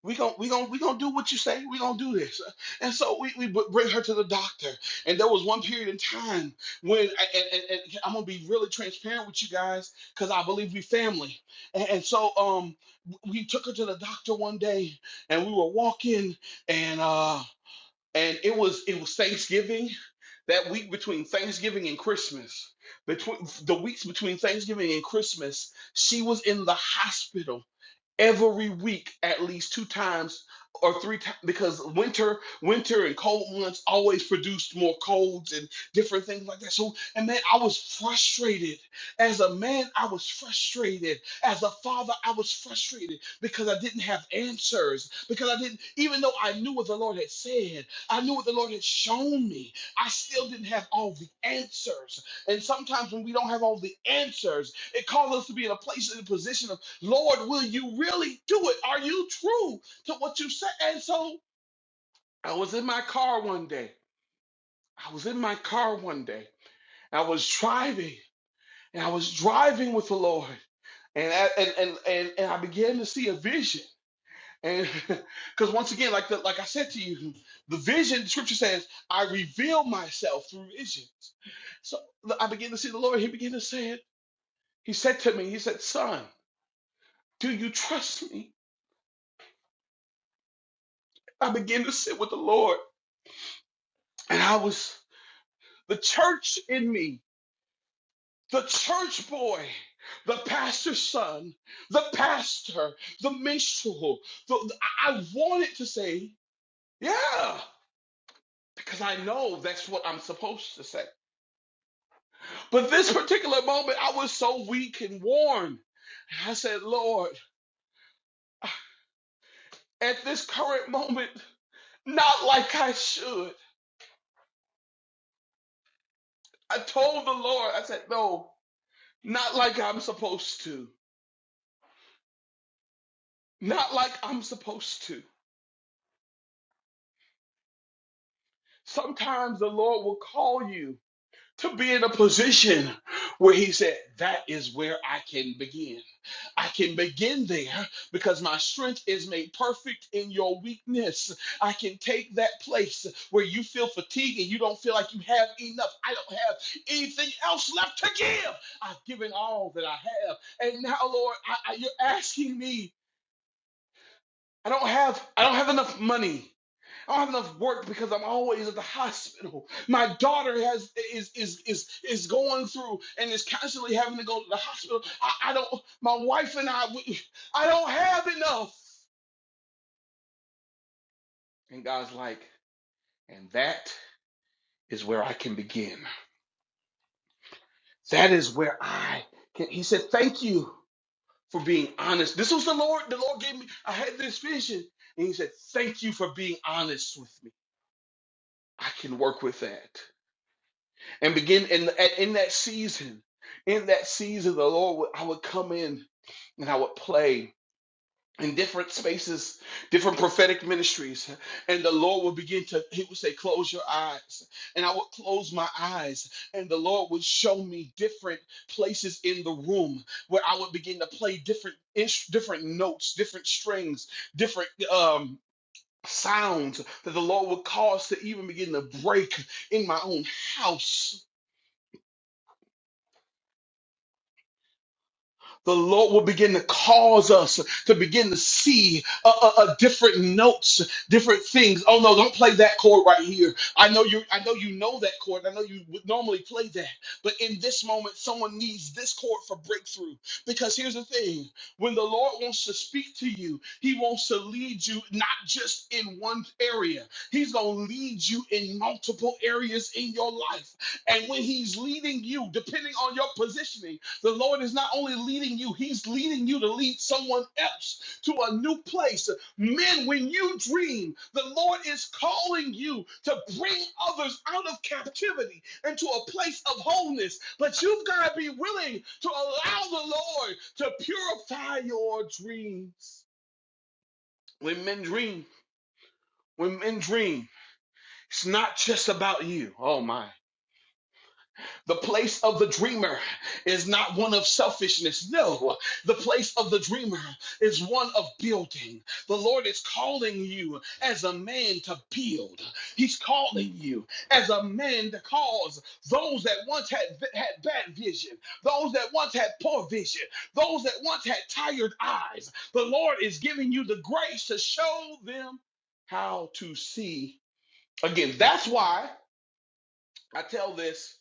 D: We gon' we gon' we gonna do what you say. We gonna do this, and so we, we br- bring her to the doctor. And there was one period in time when, and, and, and I'm gonna be really transparent with you guys, cause I believe we family. And, and so um, we took her to the doctor one day, and we were walking, and uh, and it was it was Thanksgiving, that week between Thanksgiving and Christmas, between the weeks between Thanksgiving and Christmas, she was in the hospital every week at least two times or three times because winter winter and cold months always produced more colds and different things like that so and man i was frustrated as a man i was frustrated as a father i was frustrated because i didn't have answers because i didn't even though i knew what the lord had said i knew what the lord had shown me i still didn't have all the answers and sometimes when we don't have all the answers it calls us to be in a place in a position of Lord, will you really do it? Are you true to what you said? And so I was in my car one day. I was in my car one day. I was driving and I was driving with the Lord. And I, and, and, and, and I began to see a vision. And because once again, like the, like I said to you, the vision, the scripture says, I reveal myself through visions. So I began to see the Lord. He began to say it. He said to me, He said, Son, do you trust me? I began to sit with the Lord. And I was the church in me, the church boy, the pastor's son, the pastor, the minstrel. The, I wanted to say, yeah, because I know that's what I'm supposed to say. But this particular moment, I was so weak and worn. I said, Lord, at this current moment, not like I should. I told the Lord, I said, no, not like I'm supposed to. Not like I'm supposed to. Sometimes the Lord will call you to be in a position where He said, That is where I can begin. I can begin there because my strength is made perfect in your weakness. I can take that place where you feel fatigued and you don't feel like you have enough. I don't have anything else left to give. I've given all that I have. And now, Lord, I, I- you're asking me. I don't have I don't have enough money. I don't have enough work because I'm always at the hospital. My daughter has is is is is going through and is constantly having to go to the hospital. I, I don't. My wife and I, we, I don't have enough. And God's like, and that is where I can begin. That is where I can. He said, thank you for being honest. This was the Lord. The Lord gave me. I had this vision, and He said, thank you for being honest with me. I can work with that. and begin in in that season in that season the lord would, i would come in and i would play in different spaces different prophetic ministries and the lord would begin to he would say close your eyes and i would close my eyes and the lord would show me different places in the room where i would begin to play different ins- different notes different strings different um sounds that the lord would cause to even begin to break in my own house the Lord will begin to cause us to begin to see uh, uh, uh, different notes, different things. Oh no, don't play that chord right here. I know you. I know you know that chord. I know you would normally play that, but in this moment, someone needs this chord for breakthrough. Because here's the thing: when the Lord wants to speak to you, He wants to lead you not just in one area. He's going to lead you in multiple areas in your life. And when He's leading you, depending on your positioning. The Lord is not only leading you, He's leading you to lead someone else to a new place. Men, when you dream, the Lord is calling you to bring others out of captivity into a place of wholeness. But you've got to be willing to allow the Lord to purify your dreams. When men dream, when men dream, it's not just about you. Oh my. The place of the dreamer is not one of selfishness. No, the place of the dreamer is one of building. The Lord is calling you as a man to build. He's calling you as a man to cause those that once had, had bad vision, those that once had poor vision, those that once had tired eyes. The Lord is giving you the grace to show them how to see again. That's why I tell this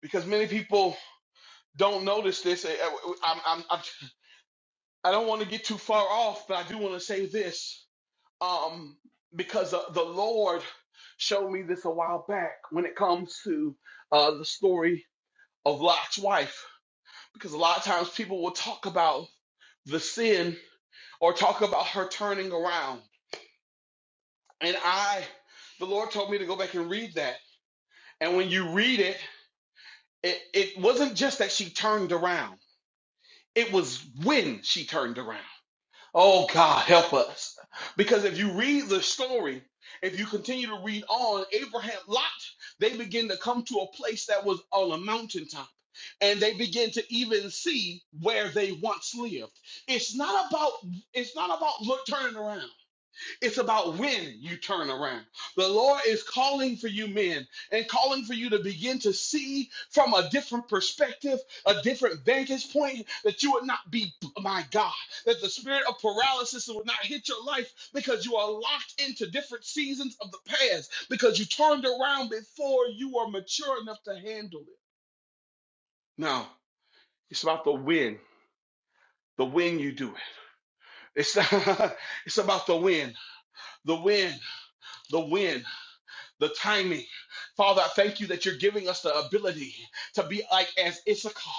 D: because many people don't notice this. I'm, I'm, I'm, I- don't want to get too far off, but I do want to say this um, because the, the Lord showed me this a while back when it comes to uh, the story of Lot's wife. Because a lot of times people will talk about the sin or talk about her turning around. And I, the Lord told me to go back and read that. And when you read it, it, it wasn't just that she turned around, it was when she turned around Oh God, help us. Because if you read the story, if you continue to read on, Abraham, Lot, they begin to come to a place that was on a mountaintop. And they begin to even see where they once lived. It's not about it's not about look turning around. It's about when you turn around. The Lord is calling for you, men, and calling for you to begin to see from a different perspective, a different vantage point, that you would not be, my God, that the spirit of paralysis would not hit your life because you are locked into different seasons of the past, because you turned around before you are mature enough to handle it. No, it's about the when. The when you do it. It's, it's about the when. The when. The when. the timing. Father, I thank you that you're giving us the ability to be like as Issachar,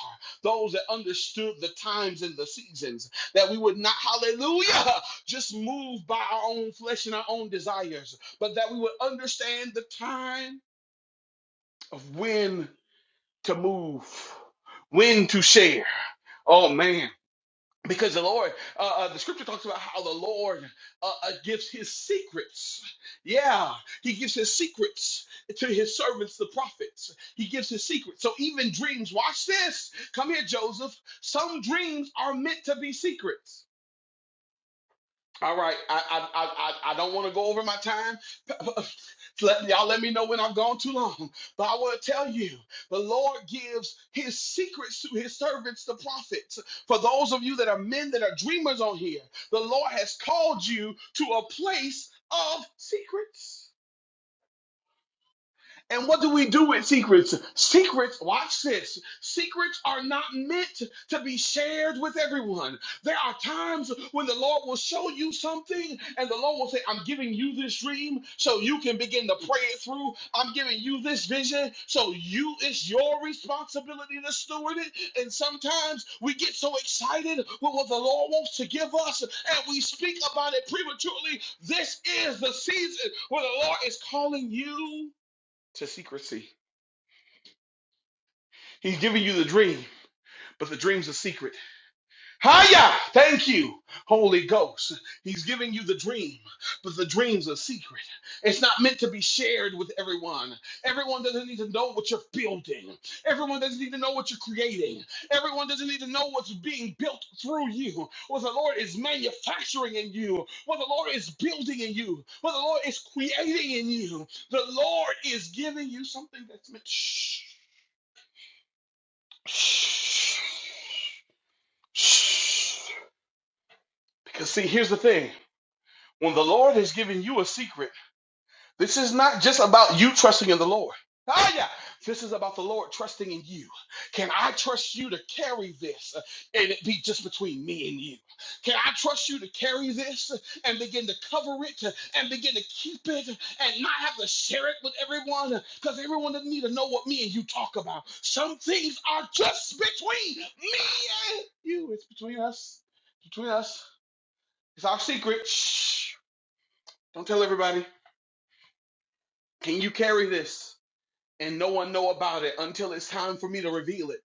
D: those that understood the times and the seasons, that we would not, hallelujah, just move by our own flesh and our own desires, but that we would understand the time of when to move, when to share. Oh man because the Lord, uh, uh, the scripture talks about how the Lord uh, uh, gives his secrets. Yeah, he gives his secrets to his servants, the prophets. He gives his secrets. So even dreams, watch this. Come here, Joseph. Some dreams are meant to be secrets. All right, I I I I I don't want to go over my time. Let, y'all let me know when I've gone too long. But I want to tell you, the Lord gives his secrets to his servants, the prophets. For those of you that are men that are dreamers on here, the Lord has called you to a place of secrets. And what do we do with secrets? Secrets, watch this. Secrets are not meant to be shared with everyone. There are times when the Lord will show you something and the Lord will say, I'm giving you this dream so you can begin to pray it through. I'm giving you this vision so you, it's your responsibility to steward it. And sometimes we get so excited with what the Lord wants to give us and we speak about it prematurely. This is the season where the Lord is calling you to secrecy. He's giving you the dream, but the dream's a secret. Hiya! Thank you, Holy Ghost. He's giving you the dream, but the dream's a secret. It's not meant to be shared with everyone. Everyone doesn't need to know what you're building. Everyone doesn't need to know what you're creating. Everyone doesn't need to know what's being built through you, what the Lord is manufacturing in you, what the Lord is building in you, what the Lord is creating in you. The Lord is giving you something that's meant. Shh. Because see, here's the thing. When the Lord has given you a secret, This is not just about you trusting in the Lord. Ah, yeah. This is about the Lord trusting in you. Can I trust you to carry this uh, and it be just between me and you? Can I trust you to carry this and begin to cover it uh, and begin to keep it and not have to share it with everyone? Because everyone doesn't need to know what me and you talk about. Some things are just between me and you. It's between us. Between us. It's our secret. Shh. Don't tell everybody. Can you carry this? and no one know about it until it's time for me to reveal it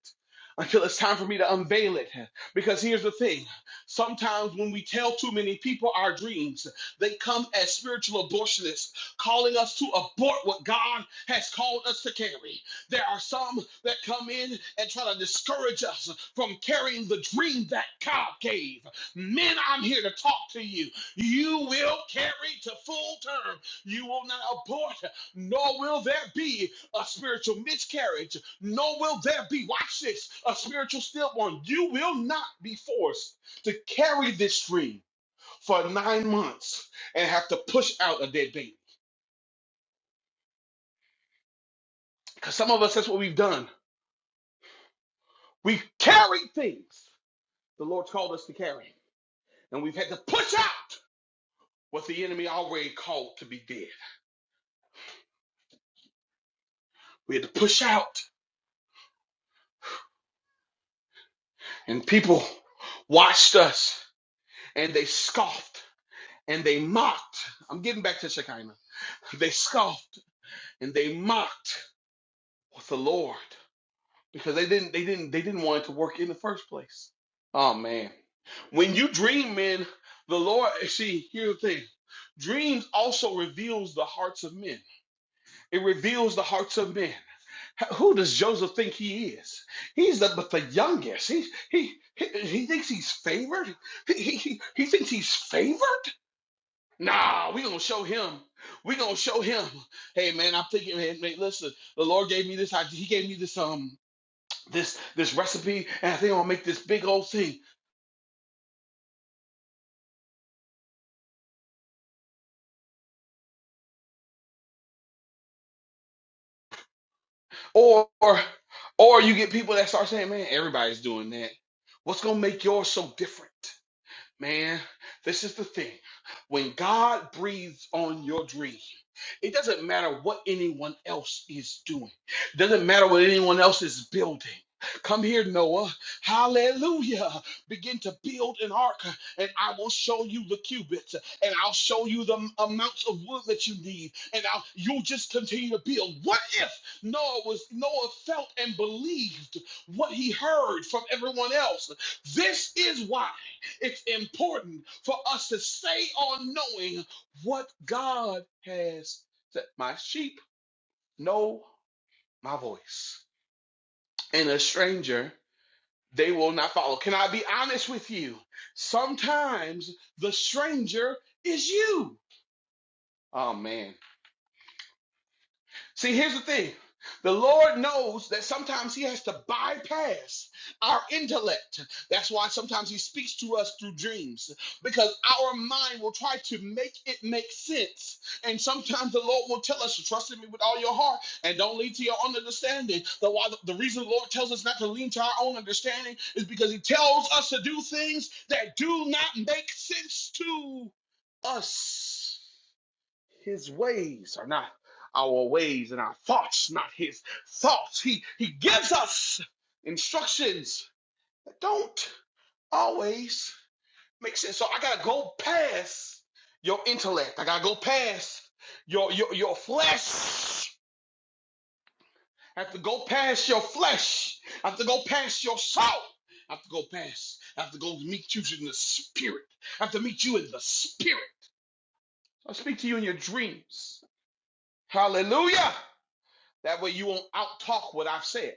D: until it's time for me to unveil it because here's the thing sometimes when we tell too many people our dreams they come as spiritual abortionists calling us to abort what god has called us to carry there are some that come in and try to discourage us from carrying the dream that god gave men i'm here to talk to you you will carry to full term you will not abort nor will there be a spiritual miscarriage, nor will there be, watch this, a spiritual stillborn. You will not be forced to carry this dream for nine months and have to push out a dead baby. Because some of us, that's what we've done. We've carried things the Lord's called us to carry, and we've had to push out what the enemy already called to be dead. We had to push out, and people watched us and they scoffed and they mocked. I'm getting back to Shekinah. They scoffed and they mocked with the Lord because they didn't they didn't they didn't want it to work in the first place. Oh man. When you dream, men, the Lord see, here's the thing. Dreams also reveals the hearts of men. It reveals the hearts of men. Who does Joseph think he is? He's the but the youngest. He he he, he thinks he's favored. he, he he thinks he's favored. Nah, we gonna show him. We gonna show him. Hey man, I'm thinking, man, man, listen, the Lord gave me this idea. He gave me this um this this recipe, and I think I'm gonna make this big old thing. Or or you get people that start saying, man, everybody's doing that. What's gonna make yours so different? Man, this is the thing. When God breathes on your dream, it doesn't matter what anyone else is doing. doesn't matter what anyone else is building. Come here, Noah. Hallelujah. Begin to build an ark, and I will show you the cubits, and I'll show you the m- amounts of wood that you need, and I'll, you'll just continue to build. What if Noah was Noah felt and believed what he heard from everyone else? This is why. It's important for us to stay on knowing what God has said. My sheep know my voice, and a stranger they will not follow. Can I be honest with you? Sometimes the stranger is you. Oh man See, here's the thing. The Lord knows that sometimes He has to bypass our intellect. That's why sometimes He speaks to us through dreams, because our mind will try to make it make sense. And sometimes the Lord will tell us, Trust in me with all your heart and don't lean to your own understanding. The, why the, the reason the Lord tells us not to lean to our own understanding is because He tells us to do things that do not make sense to us. His ways are not our ways, and our thoughts not his thoughts. He he gives us instructions that don't always make sense. So I gotta go past your intellect. I gotta go past your your your flesh. I have to go past your flesh. I have to go past your soul. I have to go past. I have to go meet you in the spirit. I have to meet you in the spirit. So I speak to you in your dreams. Hallelujah. That way you won't out talk what I've said.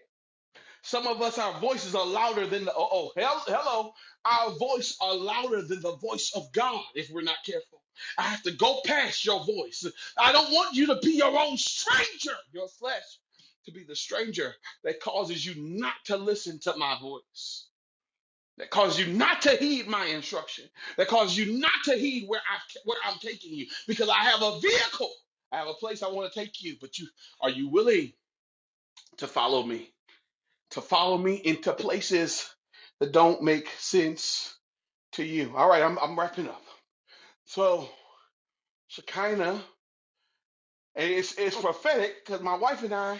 D: Some of us, our voices are louder than the, oh, oh, hell, hello. Our voice are louder than the voice of God if we're not careful. I have to go past your voice. I don't want you to be your own stranger, your flesh to be the stranger that causes you not to listen to my voice. That causes you not to heed my instruction. That causes you not to heed where I where I'm taking you because I have a vehicle. I have a place I want to take you, but you are you willing to follow me, to follow me into places that don't make sense to you. All right, I'm, I'm wrapping up. So Shekinah, and it's, it's prophetic because my wife and I,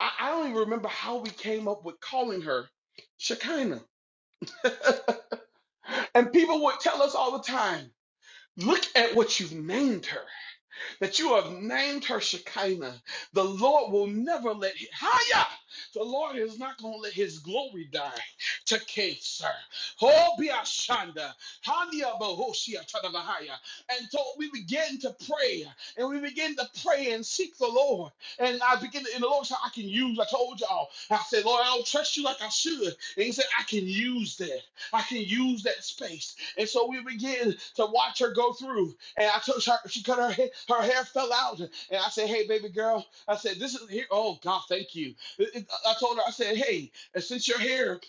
D: I, I don't even remember how we came up with calling her Shekinah. and people would tell us all the time, look at what you've named her. that you have named her Shekinah. The Lord will never let it. Haya. The Lord is not going to let his glory die to cancer. Hobiashanda. Hania Bahoshia Tadabahaya. And so we begin to pray and we begin to pray and seek the Lord. And I begin to, and the Lord said, I can use, I told y'all. I said, Lord, I don't trust you like I should. And he said, I can use that. I can use that space. And so we begin to watch her go through. And I took her, she cut her hair, her hair fell out. And I said, hey, baby girl, I said, this is here. Oh, God, thank you. It- it- I told her, I said, hey, since you're here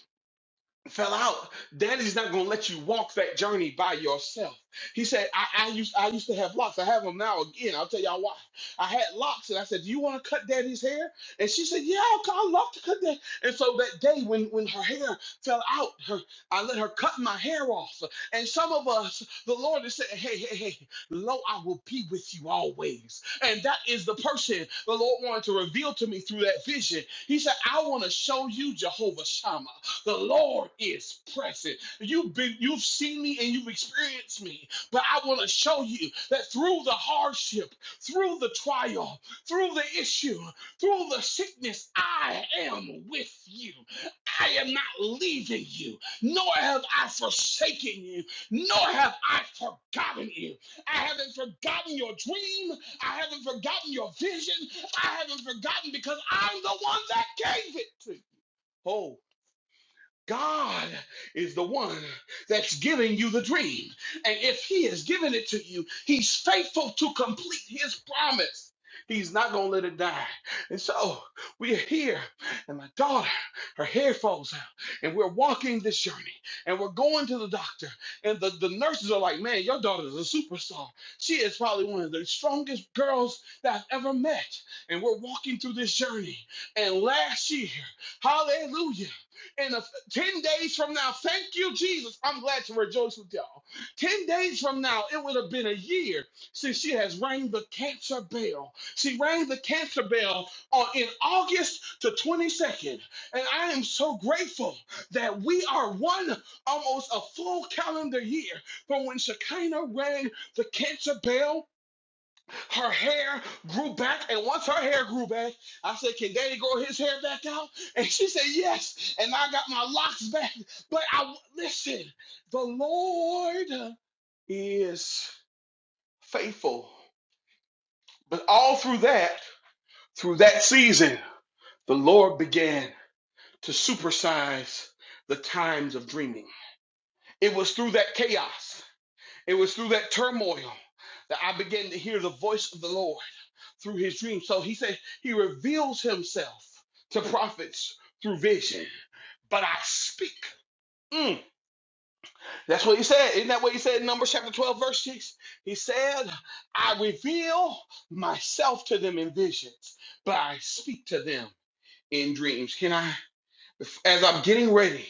D: fell out, daddy's not gonna let you walk that journey by yourself. He said, I, I used I used to have locks. I have them now again. I'll tell y'all why. I had locks and I said, Do you want to cut daddy's hair? And she said, Yeah, I'll- I love to cut that. And so that day when when her hair fell out, her I let her cut my hair off. And some of us, the Lord has said, Hey, hey, hey, lo, I will be with you always. And that is the person the Lord wanted to reveal to me through that vision. He said, I want to show you Jehovah Shammah. The Lord is present. You've been, you've seen me and you've experienced me, but I want to show you that through the hardship, through the trial, through the issue, through the sickness, I am with you. I am not leaving you, nor have I forsaken you, nor have I forgotten you. I haven't forgotten your dream. I haven't forgotten your vision. I haven't forgotten because I'm the one that gave it to you. Oh, God is the one that's giving you the dream. And if He has given it to you, He's faithful to complete His promise. He's not going to let it die. And so we are here, and my daughter, her hair falls out, and we're walking this journey, and we're going to the doctor. And the, the nurses are like, Man, your daughter's a superstar. She is probably one of the strongest girls that I've ever met. And we're walking through this journey. And last year, hallelujah in a, 10 days from now, thank you, Jesus. I'm glad to rejoice with y'all. 10 days from now, it would have been a year since she has rang the cancer bell. She rang the cancer bell on, in August the 22nd. And I am so grateful that we are one, almost a full calendar year from when Shekinah rang the cancer bell her hair grew back, and once her hair grew back, I said, "Can Daddy grow his hair back out?" And she said, "Yes." And I got my locks back. But I listen. The Lord is faithful. But all through that, through that season, the Lord began to supersize the times of dreaming. It was through that chaos. It was through that turmoil that I began to hear the voice of the Lord. through his dreams. So he said he reveals himself to prophets through vision, but I speak. Mm. That's what he said. Isn't that what he said in Numbers chapter 12, verse 6? He said, I reveal myself to them in visions, but I speak to them in dreams. Can I, as I'm getting ready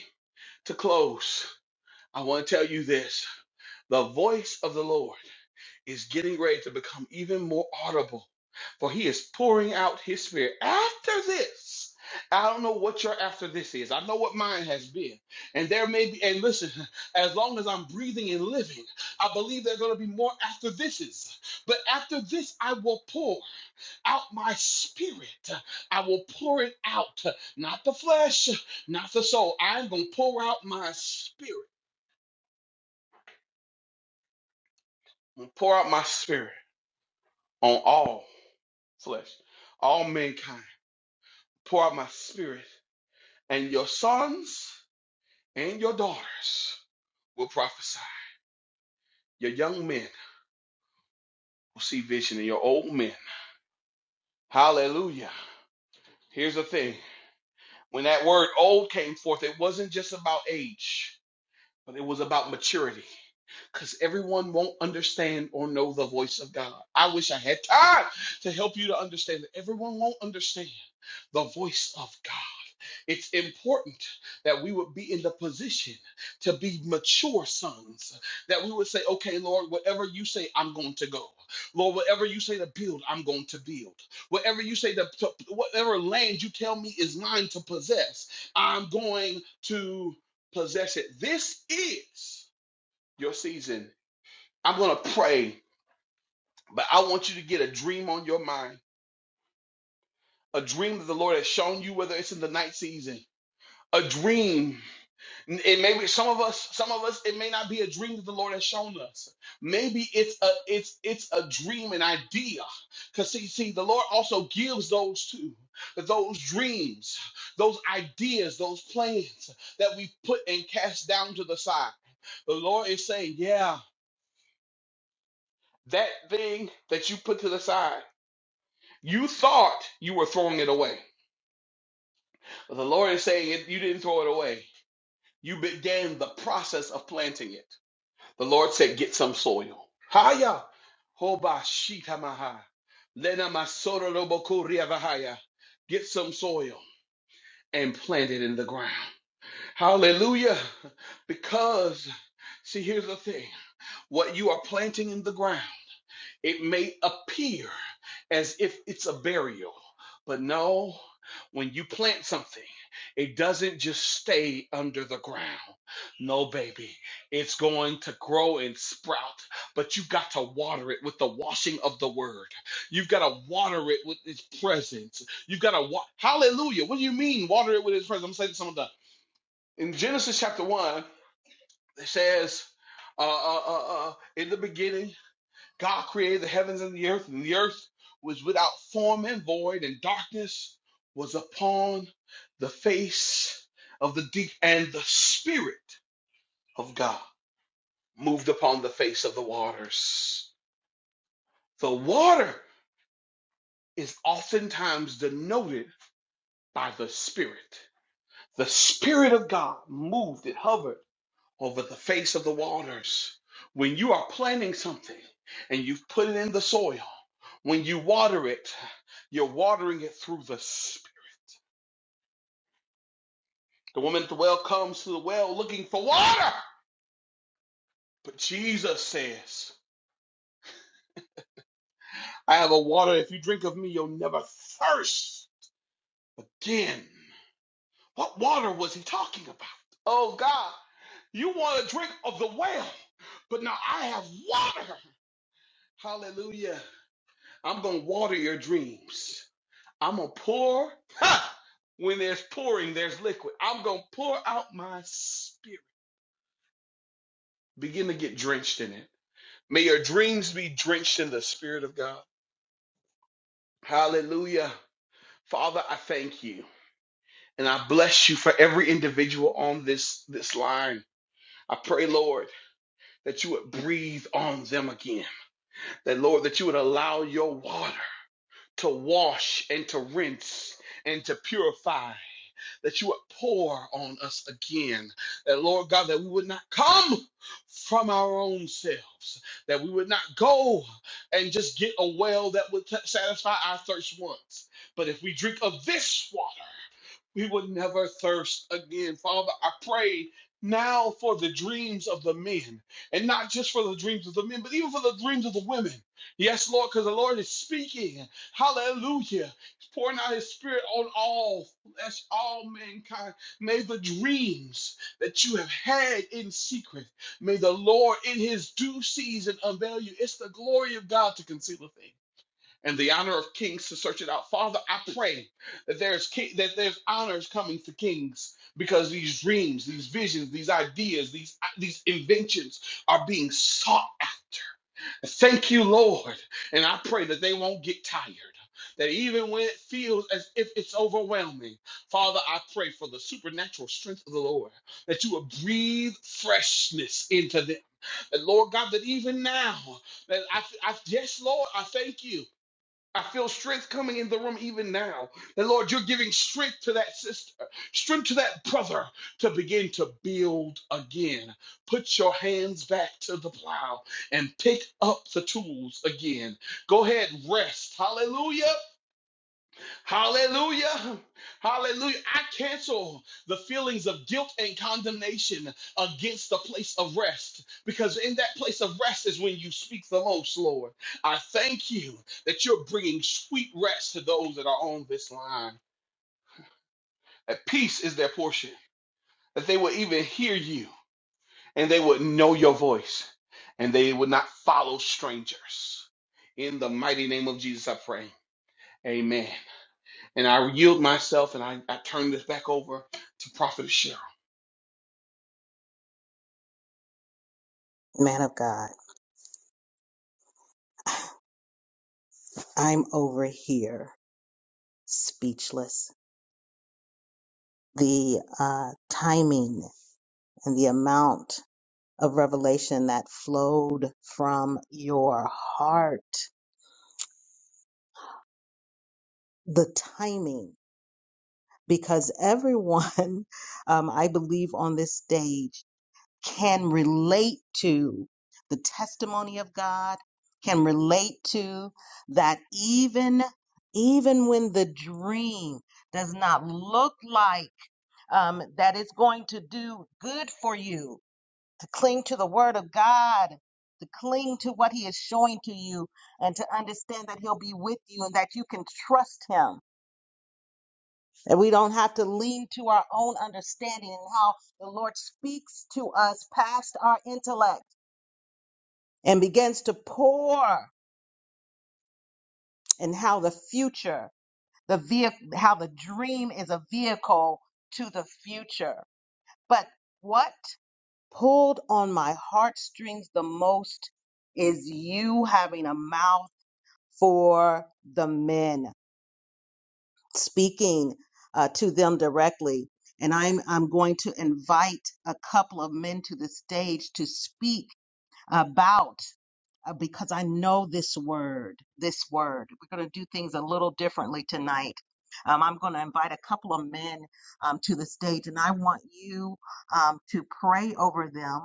D: to close, I want to tell you this the voice of the Lord. is getting ready to become even more audible, for he is pouring out his spirit. After this, I don't know what your after this is. I know what mine has been. And there may be, and listen, as long as I'm breathing and living, I believe there are going to be more after thises. But after this, I will pour out my spirit. I will pour it out, not the flesh, not the soul. I'm going to pour out my spirit. I'm going to pour out my spirit on all. flesh, all mankind. Pour out my spirit, and your sons and your daughters will prophesy. Your young men will see vision, and your old men. Hallelujah. Here's the thing when that word old came forth, it wasn't just about age, but it was about maturity. Because everyone won't understand or know the voice of God. I wish I had time to help you to understand that everyone won't understand the voice of God. It's important that we would be in the position to be mature sons, that we would say, okay, Lord, whatever you say, I'm going to go. Lord, whatever you say to build, I'm going to build. Whatever you say to, to whatever land you tell me is mine to possess, I'm going to possess it. This is your season. I'm going to pray, but I want you to get a dream on your mind, a dream that the Lord has shown you, whether it's in the night season, a dream It may be some of us, some of us, it may not be a dream that the Lord has shown us. Maybe it's a it's it's a dream, an idea. Because see, see, the Lord also gives those too. Those dreams, those ideas, those plans that we put and cast down to the side. The Lord is saying, Yeah, that thing that you put to the side, you thought you were throwing it away. But the Lord is saying, You didn't throw it away. You began the process of planting it. The Lord said, Get some soil. Haya. Hoba shita maha. Lena masoro roboko riavahaya. Get some soil and plant it in the ground. Hallelujah. Because, see, here's the thing what you are planting in the ground. It may appear as if it's a burial, but no, when you plant something, it doesn't just stay under the ground. No, baby, it's going to grow and sprout, but you got to water it with the washing of the word. You've got to water it with His presence. You've got to, wa- hallelujah. What do you mean, water it with His presence? I'm saying to someone that in Genesis chapter 1, it says, uh, uh, uh, uh, in the beginning, God created the heavens and the earth, and the earth was without form and void, and darkness was upon the face of the deep, and the Spirit of God moved upon the face of the waters. The water is oftentimes denoted by the Spirit. The Spirit of God moved, it hovered over the face of the waters. When you are planting something and you've put it in the soil, when you water it, you're watering it through the Spirit. The woman at the well comes to the well looking for water. But Jesus says, I have a water. If you drink of me, you'll never thirst again. What water was he talking about? Oh, God, you want to drink of the well, but now I have water. Hallelujah. I'm going to water your dreams. I'm gonna pour. Ha! When there's pouring, there's liquid. I'm gonna pour out my spirit. Begin to get drenched in it. May your dreams be drenched in the spirit of God. Hallelujah. Father, I thank you. And I bless you for every individual on this this line. I pray, Lord, that you would breathe on them again. That Lord, that you would allow your water to wash and to rinse and to purify that you would pour on us again. That, Lord God, that we would not come from our own selves, that we would not go and just get a well that would t- satisfy our thirst once. But if we drink of this water, we would never thirst again. Father, I pray now for the dreams of the men, and not just for the dreams of the men, but even for the dreams of the women. Yes, Lord, because the Lord is speaking. Hallelujah. He's pouring out his spirit on all flesh, all mankind. May the dreams that you have had in secret, may the Lord in his due season unveil you. It's the glory of God to conceal a thing and the honor of kings to search it out. Father, I pray that there's ki- that there's honors coming for kings because these dreams, these visions, these ideas, these these inventions are being sought after. Thank you, Lord, and I pray that they won't get tired. That even when it feels as if it's overwhelming, Father, I pray for the supernatural strength of the Lord that you will breathe freshness into them. That, Lord God, that even now, that I, I yes, Lord, I thank you I feel strength coming in the room even now. And Lord, you're giving strength to that sister, strength to that brother to begin to build again. Put your hands back to the plow and pick up the tools again. Go ahead, rest. Hallelujah. Hallelujah. Hallelujah. I cancel the feelings of guilt and condemnation against the place of rest because in that place of rest is when you speak the most, Lord. I thank you that you're bringing sweet rest to those that are on this line. That peace is their portion, that they will even hear you and they would know your voice and they would not follow strangers. In the mighty name of Jesus, I pray. Amen. And I yield myself and I, I turn this back over to Prophet Cheryl.
B: man of God, I'm over here speechless. The uh, timing and the amount of revelation that flowed from your heart, the timing, because everyone, um, I believe, on this stage can relate to the testimony of God, can relate to that even. Even when the dream does not look like um, that it's going to do good for you, to cling to the word of God, to cling to what he is showing to you, and to understand that he'll be with you and that you can trust him. And we don't have to lean to our own understanding and how the Lord speaks to us past our intellect and begins to pour and how the future, the vehicle, how the dream is a vehicle to the future. But what pulled on my heartstrings the most is you having a mouth for the men, speaking uh, to them directly. And I'm, I'm going to invite a couple of men to the stage to speak about, uh, because I know this word, this word. We're going to do things a little differently tonight. Um, I'm going to invite a couple of men um, to the stage, and I want you um, to pray over them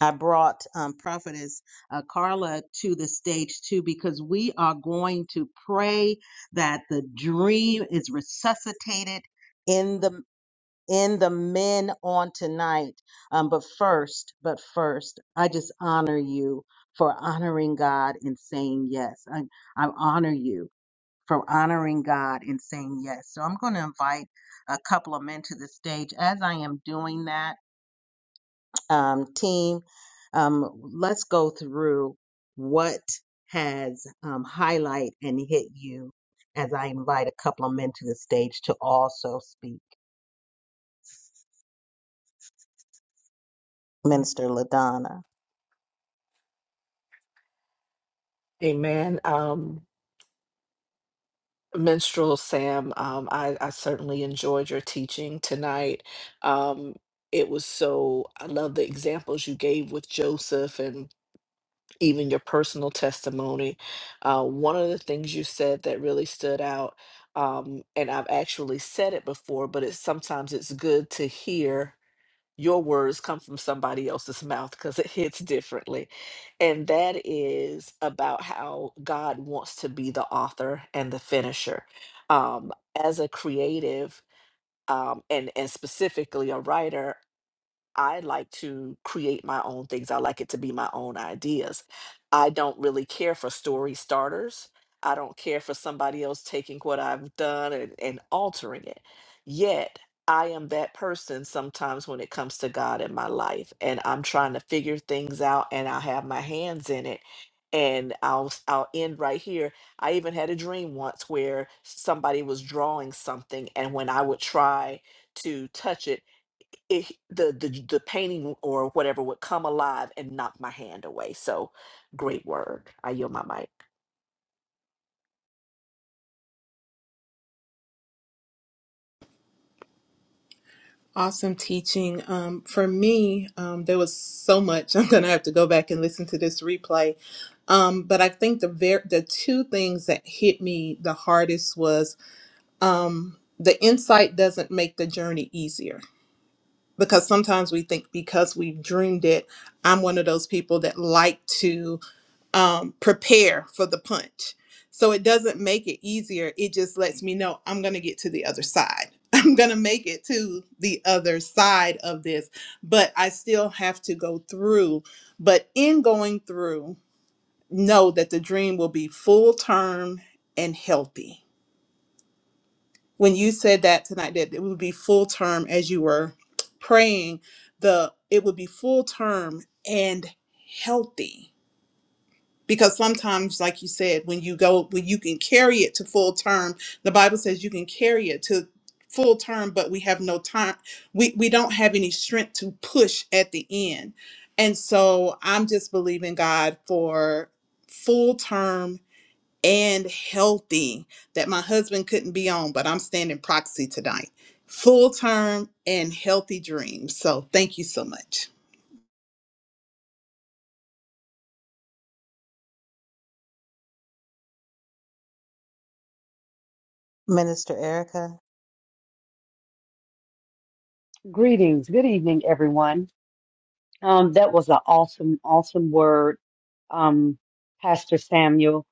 B: I brought um, Prophetess uh, Carla to the stage too because we are going to pray that the dream is resuscitated in the in the men on tonight. Um, but first, but first, I just honor you for honoring God and saying yes. I, I honor you for honoring God and saying yes. So I'm going to invite a couple of men to the stage. As I am doing that um, team. Um, let's go through what has um, highlight and hit you as I invite a couple of men to the stage to also speak. Minister LaDonna,
C: Amen. Um, Minstrel Sam, um, I, I certainly enjoyed your teaching tonight. Um, it was so, I love the examples you gave with Joseph and even your personal testimony. Uh, one of the things you said that really stood out, um, and I've actually said it before, but it's sometimes it's good to hear your words come from somebody else's mouth because it hits differently. And that is about how God wants to be the author and the finisher. Um, as a creative, um, and, and specifically a writer, I like to create my own things. I like it to be my own ideas. I don't really care for story starters. I don't care for somebody else taking what I've done and, and altering it. Yet, I am that person sometimes when it comes to God in my life, and I'm trying to figure things out, and I have my hands in it. And I'll s- I'll end right here. I even had a dream once where somebody was drawing something, and when I would try to touch it, it, the, the the painting or whatever would come alive and knock my hand away. So great word. I yield my mic.
E: Awesome teaching. Um, for me, um, there was so much. I'm going to have to go back and listen to this replay. Um, but I think the ver- the two things that hit me the hardest was um, the insight doesn't make the journey easier because sometimes we think because we've dreamed it. I'm one of those people that like to um, prepare for the punch. So it doesn't make it easier. It just lets me know I'm going to get to the other side. I'm going to make it to the other side of this, but I still have to go through. But in going through, know that the dream will be full term and healthy. When you said that tonight, that it would be full term as you were praying, the it would be full term and healthy because sometimes like you said when you go when you can carry it to full term the bible says you can carry it to full term but we have no time we we don't have any strength to push at the end and so i'm just believing god for full term and healthy that my husband couldn't be on but i'm standing proxy tonight full term and healthy dreams so thank you so much
B: Minister Erica.
F: Greetings. Good evening, everyone. Um, that was an awesome, awesome word, um, Pastor Samuel.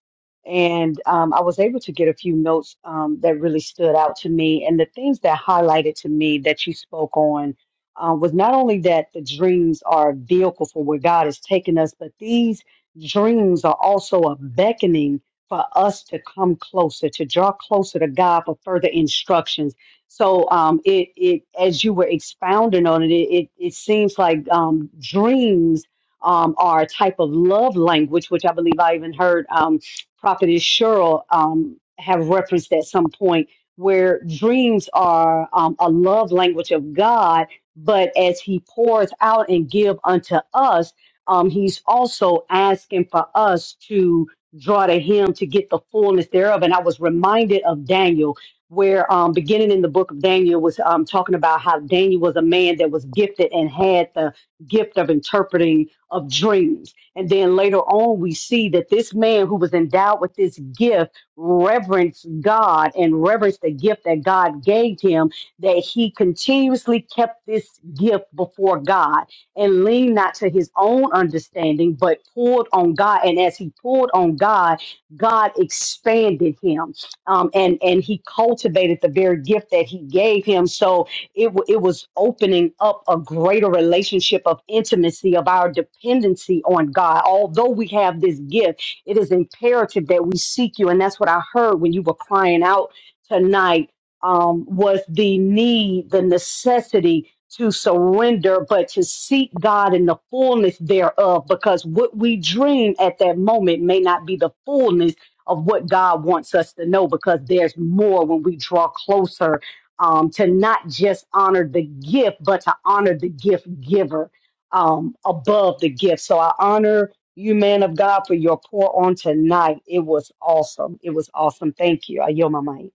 F: And um, I was able to get a few notes um, that really stood out to me. And the things that highlighted to me that you spoke on uh, was not only that the dreams are a vehicle for where God has taken us, but these dreams are also a beckoning for us to come closer, to draw closer to God for further instructions so um, it it as you were expounding on it, it it, it seems like um, dreams um, are a type of love language, which I believe I even heard um, Prophetess Cheryl um, have referenced at some point, where dreams are um, a love language of God. But as He pours out and give unto us, um, He's also asking for us to draw to Him to get the fullness thereof. And I was reminded of Daniel where um, beginning in the book of Daniel was um, talking about how Daniel was a man that was gifted and had the gift of interpreting of dreams. And then later on, we see that this man who was endowed with this gift reverenced God and reverenced the gift that God gave him, that he continuously kept this gift before God and leaned not to his own understanding, but pulled on God. And as he pulled on God, God expanded him um, and and he cultivated the very gift that he gave him. So it w- it was opening up a greater relationship of intimacy of our dependency on God. Although we have this gift, it is imperative that we seek you, and that's what I heard when you were crying out tonight. Um, was the need, the necessity to surrender, but to seek God in the fullness thereof, because what we dream at that moment may not be the fullness of what God wants us to know because there's more when we draw closer um, to not just honor the gift, but to honor the gift giver um, above the gift. So I honor you, man of God, for your pour on tonight. It was awesome. It was awesome. Thank you. I yield my mic.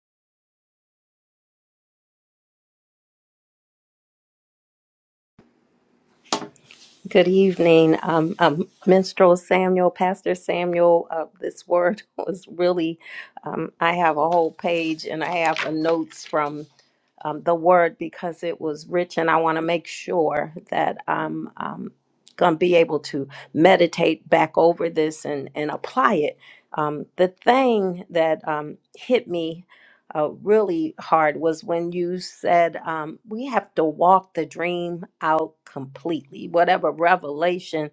A: Good evening, um, um, Minstrel Samuel, Pastor Samuel. Uh, this word was really, um, I have a whole page and I have the notes from um, the word because it was rich, and I want to make sure that I'm um, going to be able to meditate back over this and, and apply it. Um, the thing that um, hit me uh, really hard was when you said um, we have to walk the dream out completely. Whatever revelation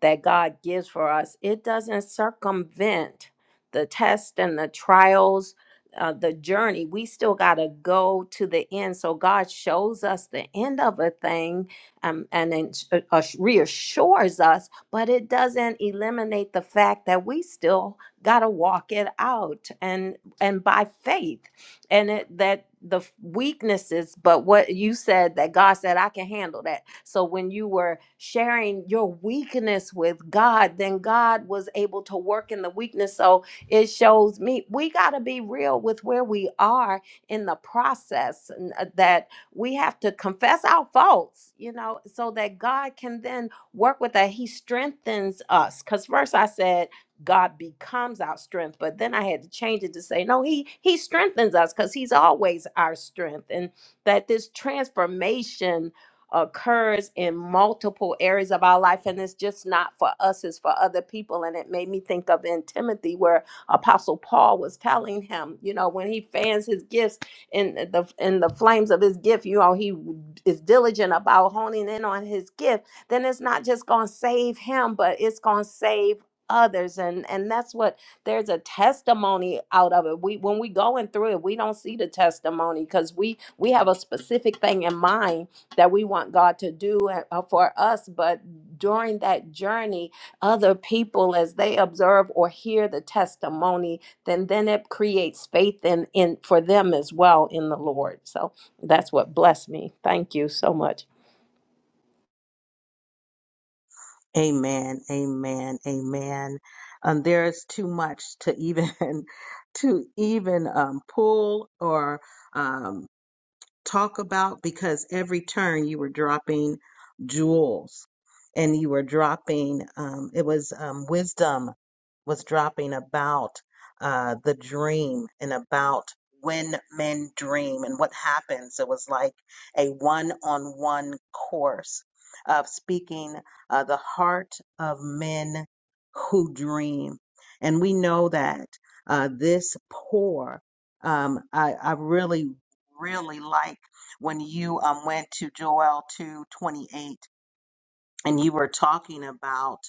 A: that God gives for us, it doesn't circumvent the test and the trials, uh, the journey. We still got to go to the end. So God shows us the end of a thing um, and then s- uh, uh, reassures us, but it doesn't eliminate the fact that we still got to walk it out and and by faith and it that the f- weaknesses but what you said that god said i can handle that so when you were sharing your weakness with god then god was able to work in the weakness so it shows me we got to be real with where we are in the process and, uh, that we have to confess our faults you know so that god can then work with that he strengthens us because first i said God becomes our strength. But then I had to change it to say, no, he he strengthens us because he's always our strength. And that this transformation occurs in multiple areas of our life. And it's just not for us, it's for other people. And it made me think of in Timothy where Apostle Paul was telling him, you know, when he fans his gifts in the in the flames of his gift, you know, he is diligent about honing in on his gift, then it's not just gonna save him, but it's gonna save others and and that's what there's a testimony out of it we when we going through it we don't see the testimony because we we have a specific thing in mind that we want god to do eh, uh, for us but during that journey other people as they observe or hear the testimony then then it creates faith in in for them as well in the lord so that's what blessed me thank you so much
B: Amen, amen, amen. Um, there is too much to even to even um, pull or um, talk about because every turn you were dropping jewels and you were dropping um, it was um, wisdom was dropping about uh, the dream and about when men dream and what happens it was like a one-on-one course of speaking uh, the heart of men who dream and we know that uh, this pour um, I, I really really like when you um, went to Joel 2:28 and you were talking about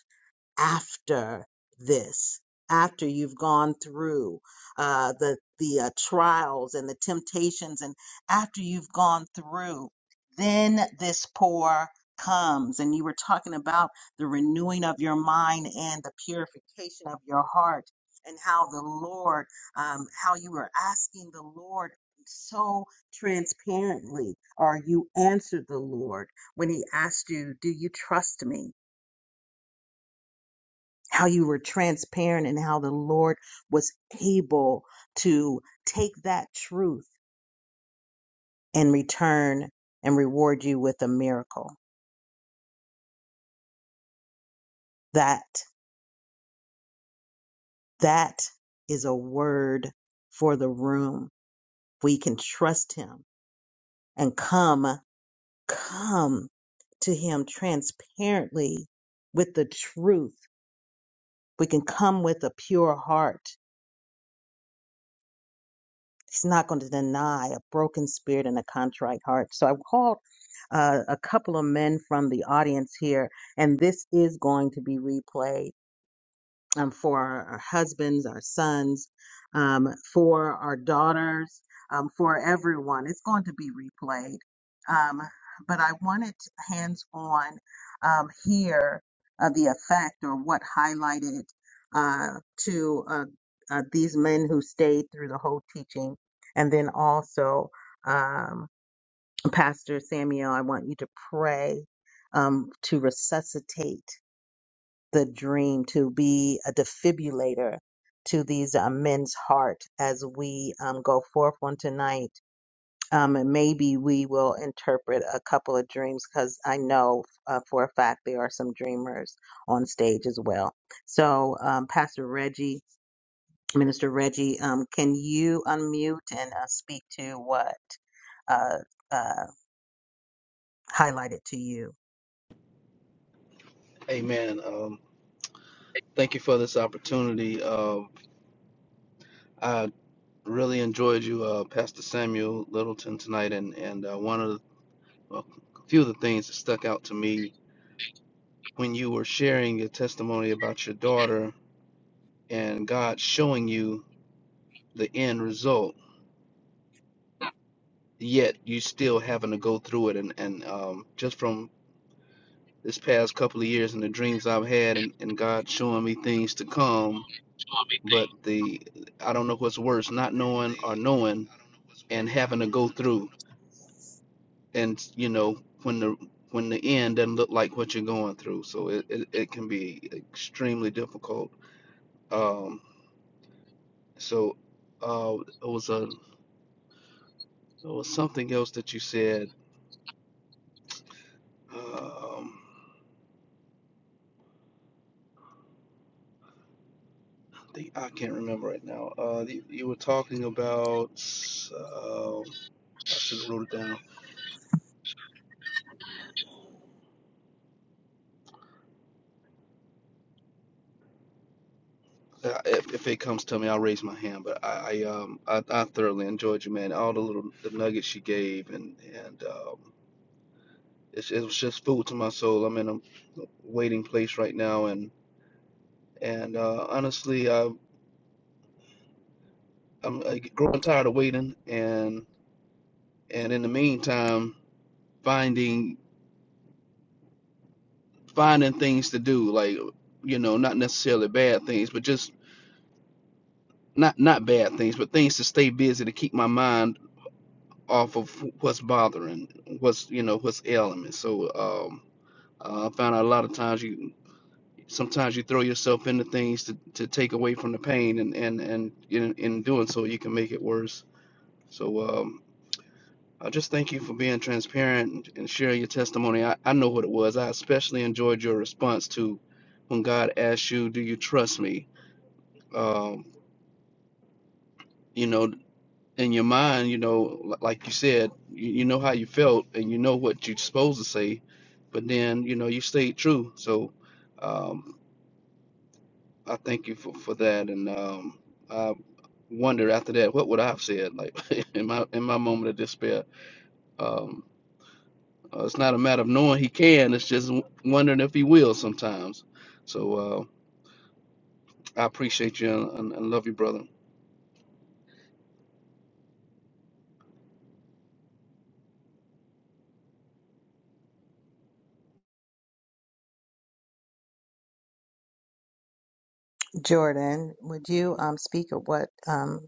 B: after this, after you've gone through uh, the the uh, trials and the temptations, and after you've gone through, then this pour comes. And you were talking about the renewing of your mind and the purification of your heart, and how the Lord, um, how you were asking the Lord so transparently, or you answered the Lord when He asked you, "Do you trust me?" how you were transparent and how the Lord was able to take that truth and return and reward you with a miracle. That, that is a word for the room. We can trust him and come, come to him transparently with the truth. We can come with a pure heart He's not going to deny a broken spirit and a contrite heart. So I called uh, a couple of men from the audience here, and this is going to be replayed um, for our, our husbands, our sons, um, for our daughters, um, for everyone. It's going to be replayed. Um, but I wanted hands on um, here uh, the effect or what highlighted uh, to uh, uh, these men who stayed through the whole teaching. And then also, um, Pastor Samuel, I want you to pray um, to resuscitate the dream to be a defibrillator to these uh, men's heart as we um, go forth on tonight. Um, and maybe we will interpret a couple of dreams because I know uh, for a fact there are some dreamers on stage as well. So, um, Pastor Reggie, Minister Reggie, um, can you unmute and uh, speak to what uh, uh, highlighted to you?
G: Amen. Um, thank you for this opportunity. Um, I really enjoyed you, uh, Pastor Samuel Littleton, tonight, and and uh, one of the, well, a few of the things that stuck out to me when you were sharing your testimony about your daughter and God showing you the end result, yet you still having to go through it, and and um, just from this past couple of years and the dreams I've had, and, and God showing me things to come, but the I don't know what's worse, not knowing or knowing and having to go through and you know when the when the end doesn't look like what you're going through so it, it, it can be extremely difficult um so uh it was a it was something else that you said um the, I can't remember right now. Uh, you, you were talking about. Uh, I should have wrote it down. Uh, If, if it comes to me, I'll raise my hand. But I, I um, I, I thoroughly enjoyed you, man. All the little the nuggets you gave, and and um, it's, it was just food to my soul. I'm in a waiting place right now, and and uh, honestly, I, I'm uh, growing tired of waiting, and and in the meantime, finding finding things to do, like you know, not necessarily bad things, but just not not bad things, but things to stay busy to keep my mind off of what's bothering, what's you know what's ailing me. So um, uh, I found out a lot of times you sometimes you throw yourself into things to, to take away from the pain and and and in, in doing so you can make it worse so um i just thank you for being transparent and sharing your testimony i, I know what it was i especially enjoyed your response to when god asked you do you trust me um you know in your mind you know li- like you said you, you know how you felt and you know what you're supposed to say but then you know you stayed true so um i thank you for for that and um I wonder after that what would I have said like in my in my moment of despair um uh, it's not a matter of knowing he can it's just wondering if he will sometimes so uh I appreciate you and, and, and love you brother
B: Jordan, would you um, speak of what um,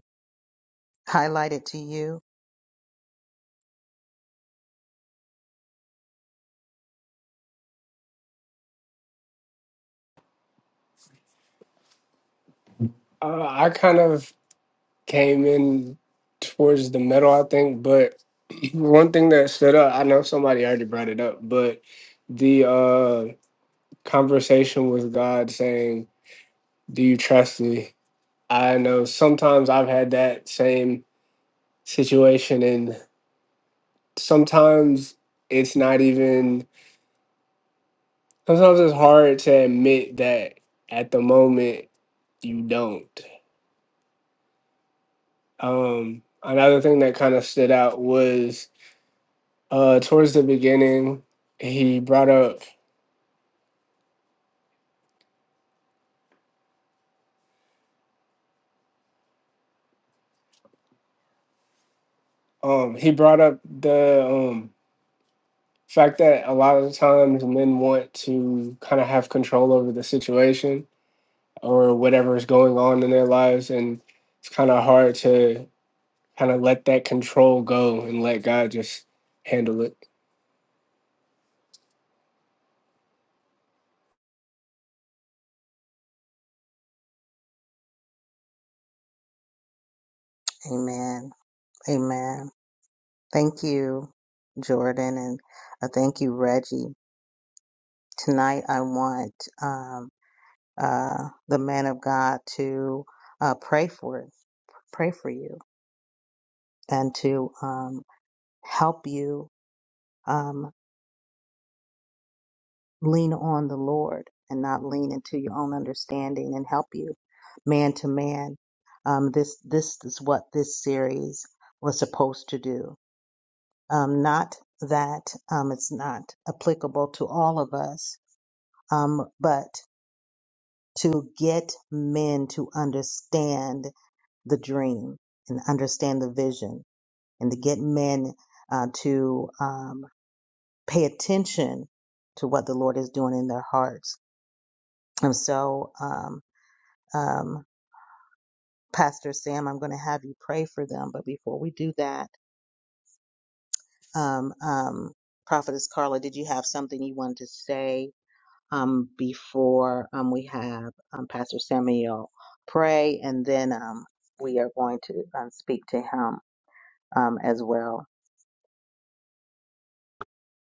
B: highlighted to you?
H: Uh, I kind of came in towards the middle, I think. But one thing that stood out, I know somebody already brought it up, but the uh, conversation with God saying, Do you trust me? I know sometimes I've had that same situation, and sometimes it's not even, sometimes it's hard to admit that at the moment you don't. Um, another thing that kind of stood out was uh towards the beginning he brought up um he brought up the um fact that a lot of the times men want to kind of have control over the situation or whatever is going on in their lives and it's kind of hard to kind of let that control go and let God just handle it.
B: Amen. Amen. Thank you, Jordan, and uh, thank you, Reggie. Tonight, I want um, uh, the man of God to uh, pray for it, pray for you, and to um, help you um, lean on the Lord and not lean into your own understanding, and help you man to man. Um, this this is what this series was supposed to do Um, not that um, it's not applicable to all of us, um, but to get men to understand the dream and understand the vision, and to get men uh, to um, pay attention to what the Lord is doing in their hearts. And so, um, um, Pastor Sam, I'm going to have you pray for them. But before we do that, um, um, Prophetess Carla, did you have something you wanted to say? um, before um, we have um, Pastor Samuel pray, and then um, we are going to um, speak to him um, as well.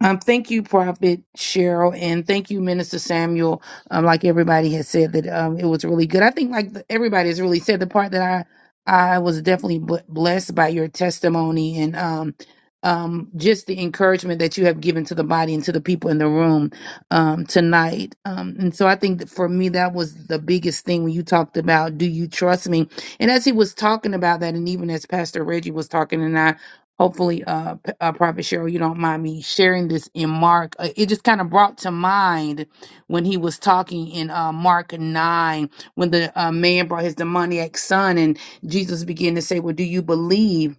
I: Um, thank you, Prophet Cheryl, and thank you, Minister Samuel. Um, like everybody has said that um, it was really good. I think like the, everybody has really said the part that I I was definitely bl- blessed by your testimony and um um just the encouragement that you have given to the body and to the people in the room um tonight. Um, and so I think that for me that was the biggest thing when you talked about do you trust me? And as he was talking about that, and even as Pastor Reggie was talking, and I hopefully uh, P- uh prophet cheryl you don't mind me sharing this in mark uh, it just kind of brought to mind when he was talking in uh mark 9 when the uh, man brought his demoniac son and jesus began to say well do you believe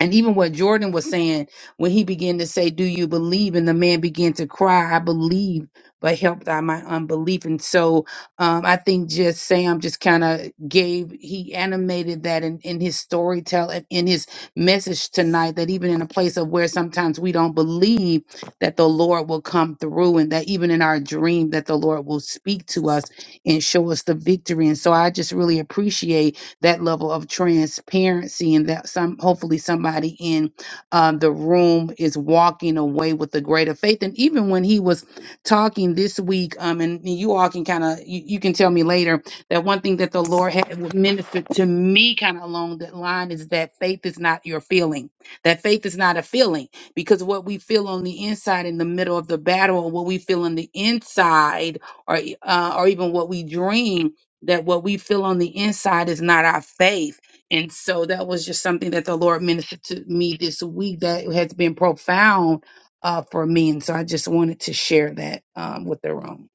I: and even what Jordan was saying when he began to say, "Do you believe?" and the man began to cry, "I believe, but help thy my unbelief." And so, um, I think just Sam just kind of gave he animated that in, in his storytelling, in his message tonight. That even in a place of where sometimes we don't believe that the Lord will come through, and that even in our dream that the Lord will speak to us and show us the victory. And so, I just really appreciate that level of transparency and that some hopefully somebody in uh, the room is walking away with a greater faith. And even when he was talking this week, um, and you all can kind of you, you can tell me later that one thing that the Lord had ministered to me kind of along that line is that faith is not your feeling. That faith is not a feeling because what we feel on the inside in the middle of the battle, or what we feel on the inside, or e- uh, or even what we dream that what we feel on the inside is not our faith. And so that was just something that the Lord ministered to me this week that has been profound uh, for me. And so I just wanted to share that um, with the room.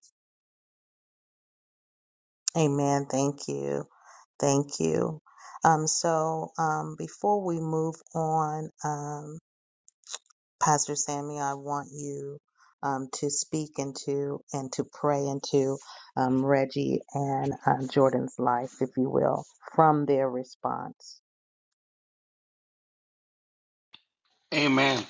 B: Amen. Thank you. Thank you. Um, so um, before we move on, um, Pastor Sammy, I want you um, to speak into and to pray into um, Reggie and um, Jordan's life, if you will, from their response.
D: Amen.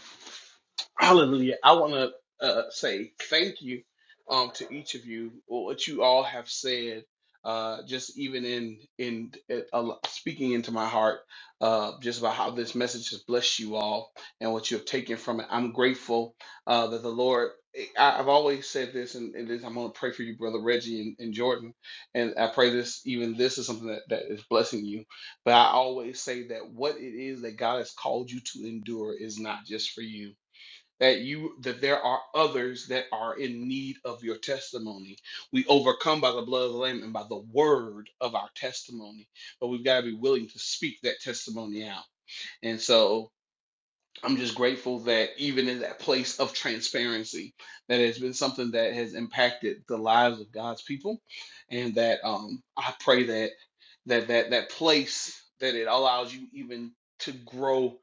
D: Hallelujah. I want to uh, say thank you um, to each of you for what you all have said. Uh, just even in in it, a speaking into my heart, uh, just about how this message has blessed you all and what you have taken from it. I'm grateful uh, that the Lord. I, I've always said this, and, and this, I'm going to pray for you, brother Reggie and, and Jordan, and I pray this. Even this is something that, that is blessing you. But I always say that what it is that God has called you to endure is not just for you that you that there are others that are in need of your testimony. We overcome by the blood of the lamb and by the word of our testimony, but we've got to be willing to speak that testimony out. And so I'm just grateful that even in that place of transparency, that has been something that has impacted the lives of God's people, and that um, I pray that that that that place that it allows you even to grow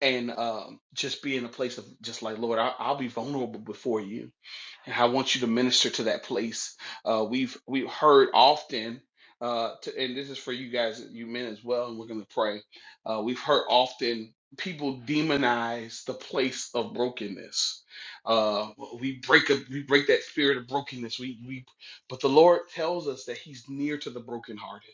D: and um, just be in a place of just like Lord, I, I'll be vulnerable before you and I want you to minister to that place. Uh, we've we've heard often, uh, to, and this is for you guys, you men as well, and we're going to pray. Uh, we've heard often people demonize the place of brokenness. Uh, we break up, we break that spirit of brokenness. We we, but the Lord tells us that He's near to the brokenhearted.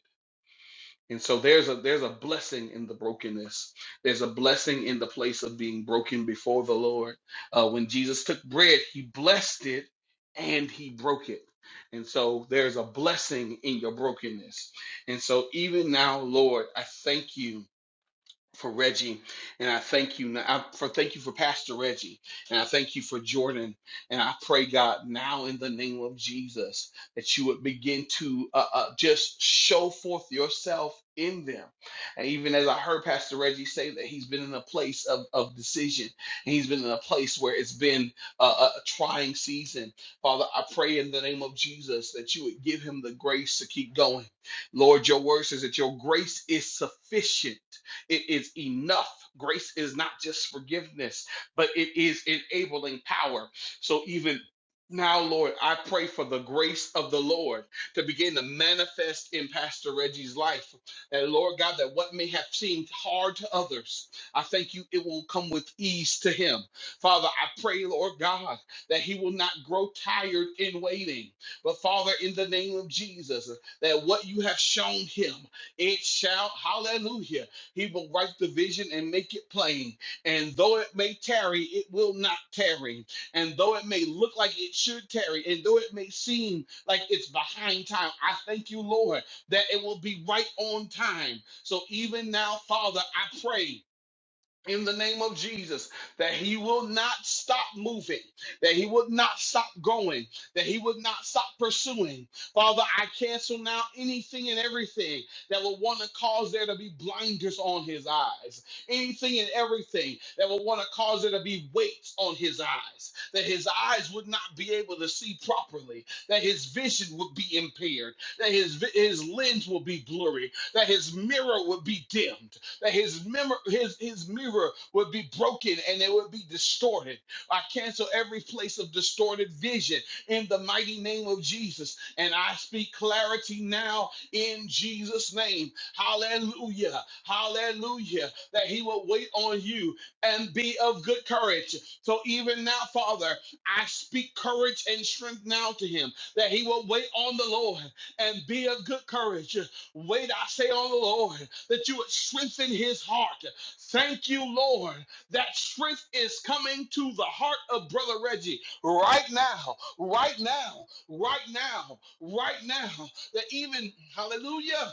D: And so there's a there's a blessing in the brokenness. There's a blessing in the place of being broken before the Lord. Uh, when Jesus took bread, he blessed it and he broke it. And so there's a blessing in your brokenness. And so even now, Lord, I thank you for Reggie, and I thank you now for thank you for Pastor Reggie, and I thank you for Jordan, and I pray God now in the name of Jesus that you would begin to uh, uh, just show forth yourself in them, and even as I heard Pastor Reggie say that he's been in a place of of decision, and he's been in a place where it's been a a trying season. Father, I pray in the name of Jesus that you would give him the grace to keep going. Lord, your word says that your grace is sufficient it is enough. Grace is not just forgiveness, but it is enabling power. So even now, Lord, I pray for the grace of the Lord to begin to manifest in Pastor Reggie's life. And Lord God, that what may have seemed hard to others, I thank you it will come with ease to him. Father, I pray, Lord God, that he will not grow tired in waiting. But Father, in the name of Jesus, that what you have shown him, it shall, hallelujah. He will write the vision and make it plain. And though it may tarry, it will not tarry. And though it may look like it should tarry, and though it may seem like it's behind time, I thank you, Lord, that it will be right on time. So even now, Father, I pray in the name of Jesus that he will not stop moving, that he will not stop going, that he will not stop pursuing. Father, I cancel now anything and everything that will want to cause there to be blinders on his eyes, anything and everything that will want to cause there to be weights on his eyes, that his eyes would not be able to see properly, that his vision would be impaired, that his, vi- his lens will be blurry, that his mirror would be dimmed that his mirror, his, his mirror would be broken and it would be distorted. I cancel every place of distorted vision in the mighty name of Jesus. And I speak clarity now in Jesus' name. Hallelujah. Hallelujah. That he will wait on you and be of good courage. So even now, Father, I speak courage and strength now to him that he will wait on the Lord and be of good courage. Wait, I say on the Lord that you would strengthen his heart. Thank you, Lord, that strength is coming to the heart of Brother Reggie right now, right now, right now, right now. That even, hallelujah.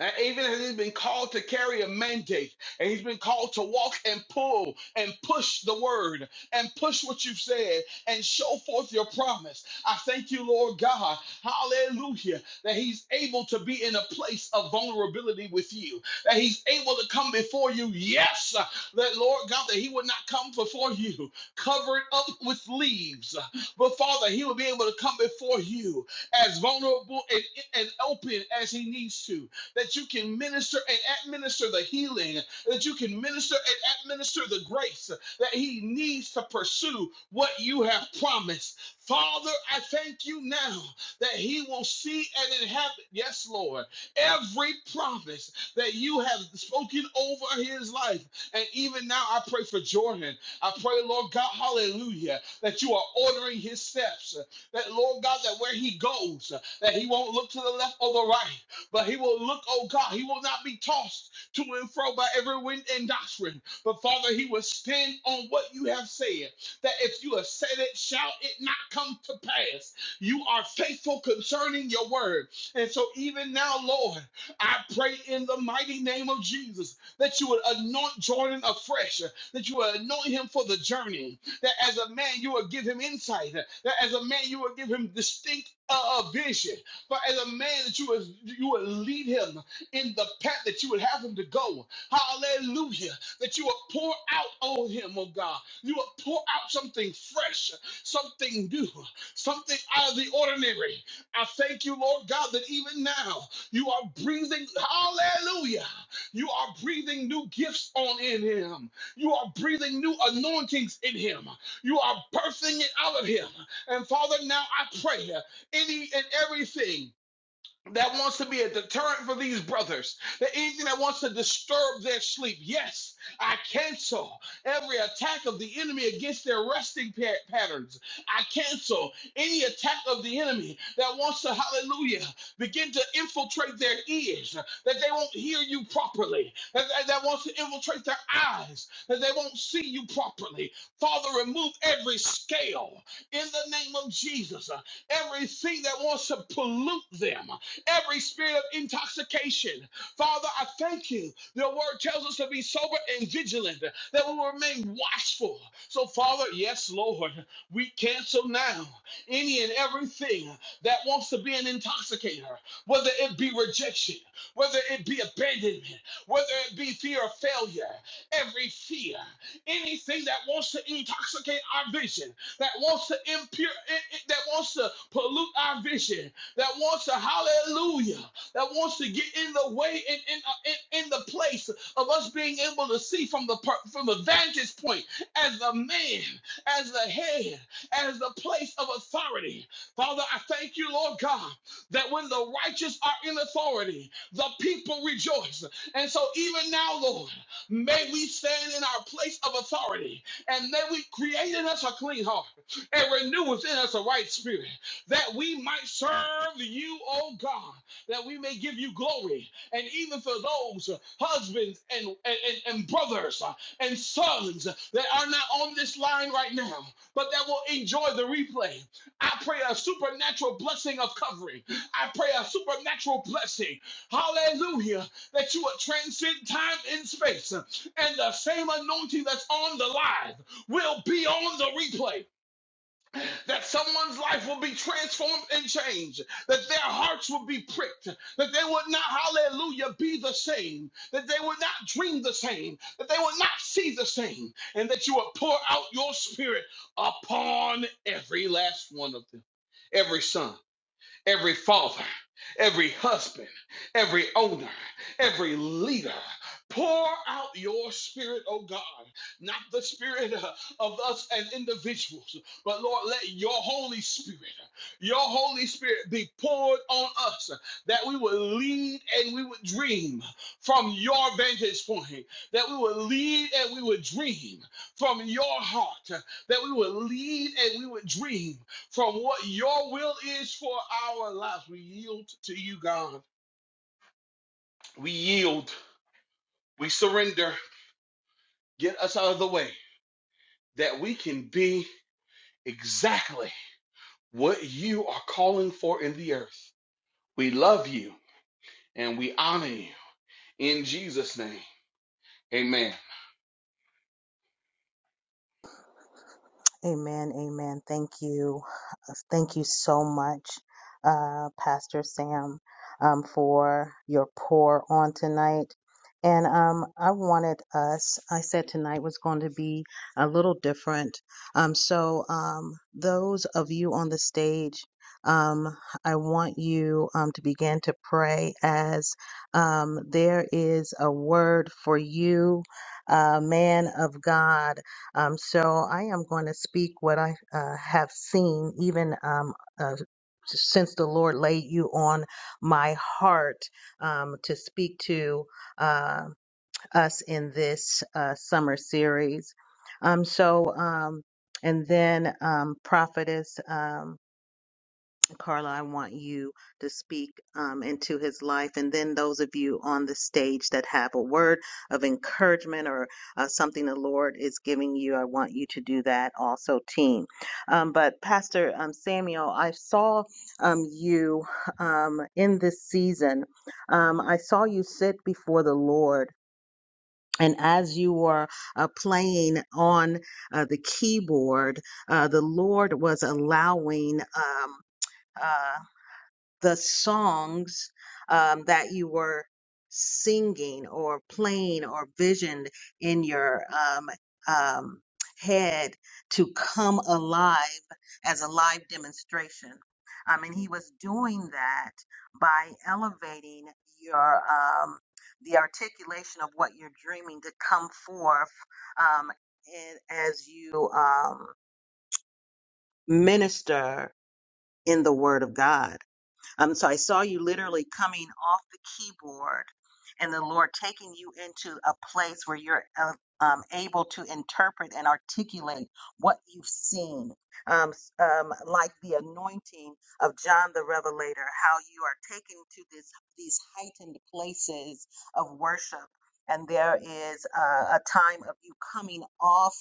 D: And even as he's been called to carry a mandate, and he's been called to walk and pull and push the word and push what you've said and show forth your promise. I thank you, Lord God, hallelujah, that he's able to be in a place of vulnerability with you, that he's able to come before you. Yes, that Lord God, that he would not come before you covered up with leaves, but Father, he will be able to come before you as vulnerable and, and open as he needs to that you can minister and administer the healing, that you can minister and administer the grace that he needs to pursue what you have promised. Father, I thank you now that he will see and inhabit, yes, Lord, every promise that you have spoken over his life. And even now, I pray for Jordan. I pray, Lord God, hallelujah, that you are ordering his steps. That, Lord God, that where he goes, that he won't look to the left or the right, but he will look, oh God, he will not be tossed to and fro by every wind and doctrine. But Father, he will stand on what you have said. That if you have said it, shall it not come to pass? You are faithful concerning your word. And so even now, Lord, I pray in the mighty name of Jesus that you would anoint Jordan afresh, that you would anoint him for the journey, that as a man you would give him insight, that as a man you would give him distinct uh, uh, vision, but as a man, that you would, you would lead him in the path that you would have him to go. Hallelujah. That you would pour out on him, oh God. You would pour out something fresh, something new, something out of the ordinary. I thank you, Lord God, that even now you are breathing, hallelujah. You are breathing new gifts on in him. You are breathing new anointings in him. You are birthing it out of him. And Father, now I pray any and everything that wants to be a deterrent for these brothers, that anything that wants to disturb their sleep. Yes, I cancel every attack of the enemy against their resting pa- patterns. I cancel any attack of the enemy that wants to, hallelujah, begin to infiltrate their ears, that they won't hear you properly, that, that, that wants to infiltrate their eyes, that they won't see you properly. Father, remove every scale in the name of Jesus, everything that wants to pollute them every spirit of intoxication. Father, I thank you. Your word tells us to be sober and vigilant, that we will remain watchful. So, Father, yes, Lord, we cancel now any and everything that wants to be an intoxicator, whether it be rejection, whether it be abandonment, whether it be fear of failure, every fear, anything that wants to intoxicate our vision, that wants to impure, that wants to pollute our vision, that wants to hallelujah, that wants to get in the way and in, in, in the place of us being able to see from the per- from the vantage point as the man, as the head, as the place of authority. Father, I thank you, Lord God, that when the righteous are in authority, the people rejoice. And so even now, Lord, may we stand in our place of authority and may we create in us a clean heart and renew within us a right spirit that we might serve you, oh God, that we may give you glory. And even for those uh, husbands and, and, and, and brothers uh, and sons uh, that are not on this line right now, but that will enjoy the replay, I pray a supernatural blessing of covering. I pray a supernatural blessing. Hallelujah. That you would transcend time and space. uh, And the same anointing that's on the live will be on the replay that someone's life will be transformed and changed, that their hearts will be pricked, that they would not, hallelujah, be the same, that they would not dream the same, that they would not see the same, and that you would pour out your spirit upon every last one of them, every son every father, every husband, every owner, every leader. Pour out your spirit, oh God, not the spirit uh, of us as individuals, but Lord, let your Holy Spirit, your Holy Spirit be poured on us that we would lead and we would dream from your vantage point, that we would lead and we would dream from your heart, that we would lead and we would dream from what your will is for our lives. We yield to you, God. We yield. We surrender. Get us out of the way that we can be exactly what you are calling for in the earth. We love you and we honor you in Jesus' name. Amen.
B: Amen. Amen. Thank you. uh, Thank you so much, uh, Pastor Sam, um, for your pour on tonight. And um, I wanted us, I said tonight was going to be a little different. Um, so, um, those of you on the stage, um, I want you um, to begin to pray as um, there is a word for you, uh, man of God. Um, so I am going to speak what I uh, have seen, even um, uh, since the Lord laid you on my heart um, to speak to uh, us in this uh, summer series. Um, so, um, and then um, prophetess. Um, Carla, I want you to speak um, into his life. And then those of you on the stage that have a word of encouragement or uh, something the Lord is giving you, I want you to do that also, team. Um, but Pastor um, Samuel, I saw um, you um, in this season. Um, I saw you sit before the Lord. And as you were uh, playing on uh, the keyboard, uh, the Lord was allowing um, uh, the songs um, that you were singing or playing or visioned in your um, um, head to come alive as a live demonstration. Um, and he was doing that by elevating your um, the articulation of what you're dreaming to come forth um, in, as you um, minister in the Word of God. Um, so I saw you literally coming off the keyboard and the Lord taking you into a place where you're uh, um, able to interpret and articulate what you've seen. Um, s- um, like the anointing of John the Revelator, how you are taken to this, these heightened places of worship. And there is uh, a time of you coming off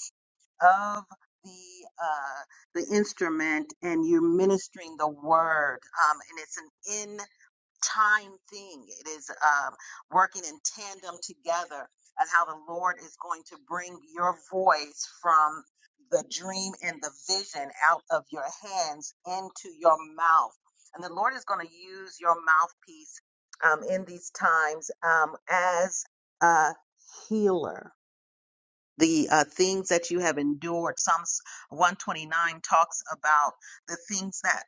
B: of the uh, the instrument and you're ministering the word um, and it's an in time thing it is um, working in tandem together and how the lord is going to bring your voice from the dream and the vision out of your hands into your mouth and the lord is going to use your mouthpiece um, in these times um, as a healer the uh, things that you have endured. Psalms 129 talks about the things that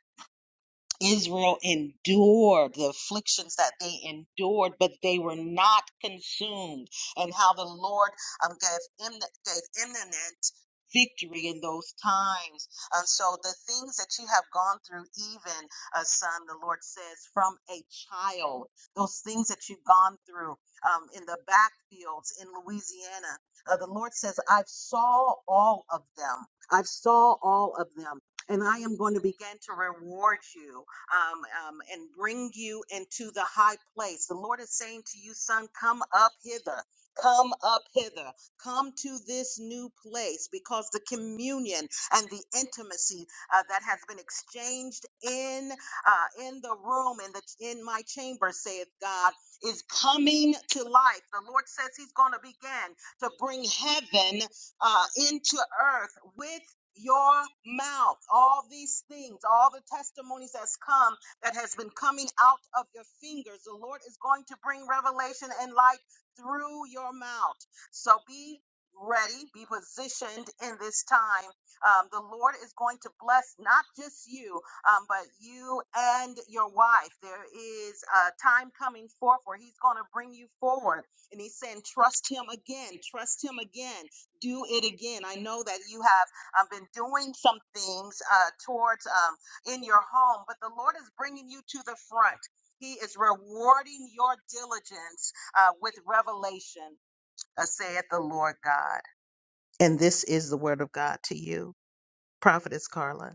B: Israel endured the afflictions that they endured, but they were not consumed, and how the Lord um, gave, Im- gave imminent victory in those times. And so the things that you have gone through, even, uh, son, the Lord says, from a child, those things that you've gone through um, in the backfields in Louisiana, uh, the Lord says, I've saw all of them. I've saw all of them and I am going to begin to reward you um, um, and bring you into the high place. The Lord is saying to you, son, come up hither. Come up hither. Come to this new place because the communion and the intimacy uh, that has been exchanged in uh, in the room in the in my chamber, saith God, is coming to life. The Lord says He's going to begin to bring heaven uh, into earth with your mouth, all these things, all the testimonies that's come that has been coming out of your fingers, the Lord is going to bring revelation and light through your mouth. So be ready, be positioned in this time. Um, the Lord is going to bless not just you, um, but you and your wife. There is a time coming forth where He's going to bring you forward, and He's saying, "Trust Him again, trust Him again." do it again. I know that you have I've been doing some things uh, towards um, in your home, but the Lord is bringing you to the front. He is rewarding your diligence uh, with revelation, uh, saith the Lord God. And this is the word of God to you, Prophetess Carla.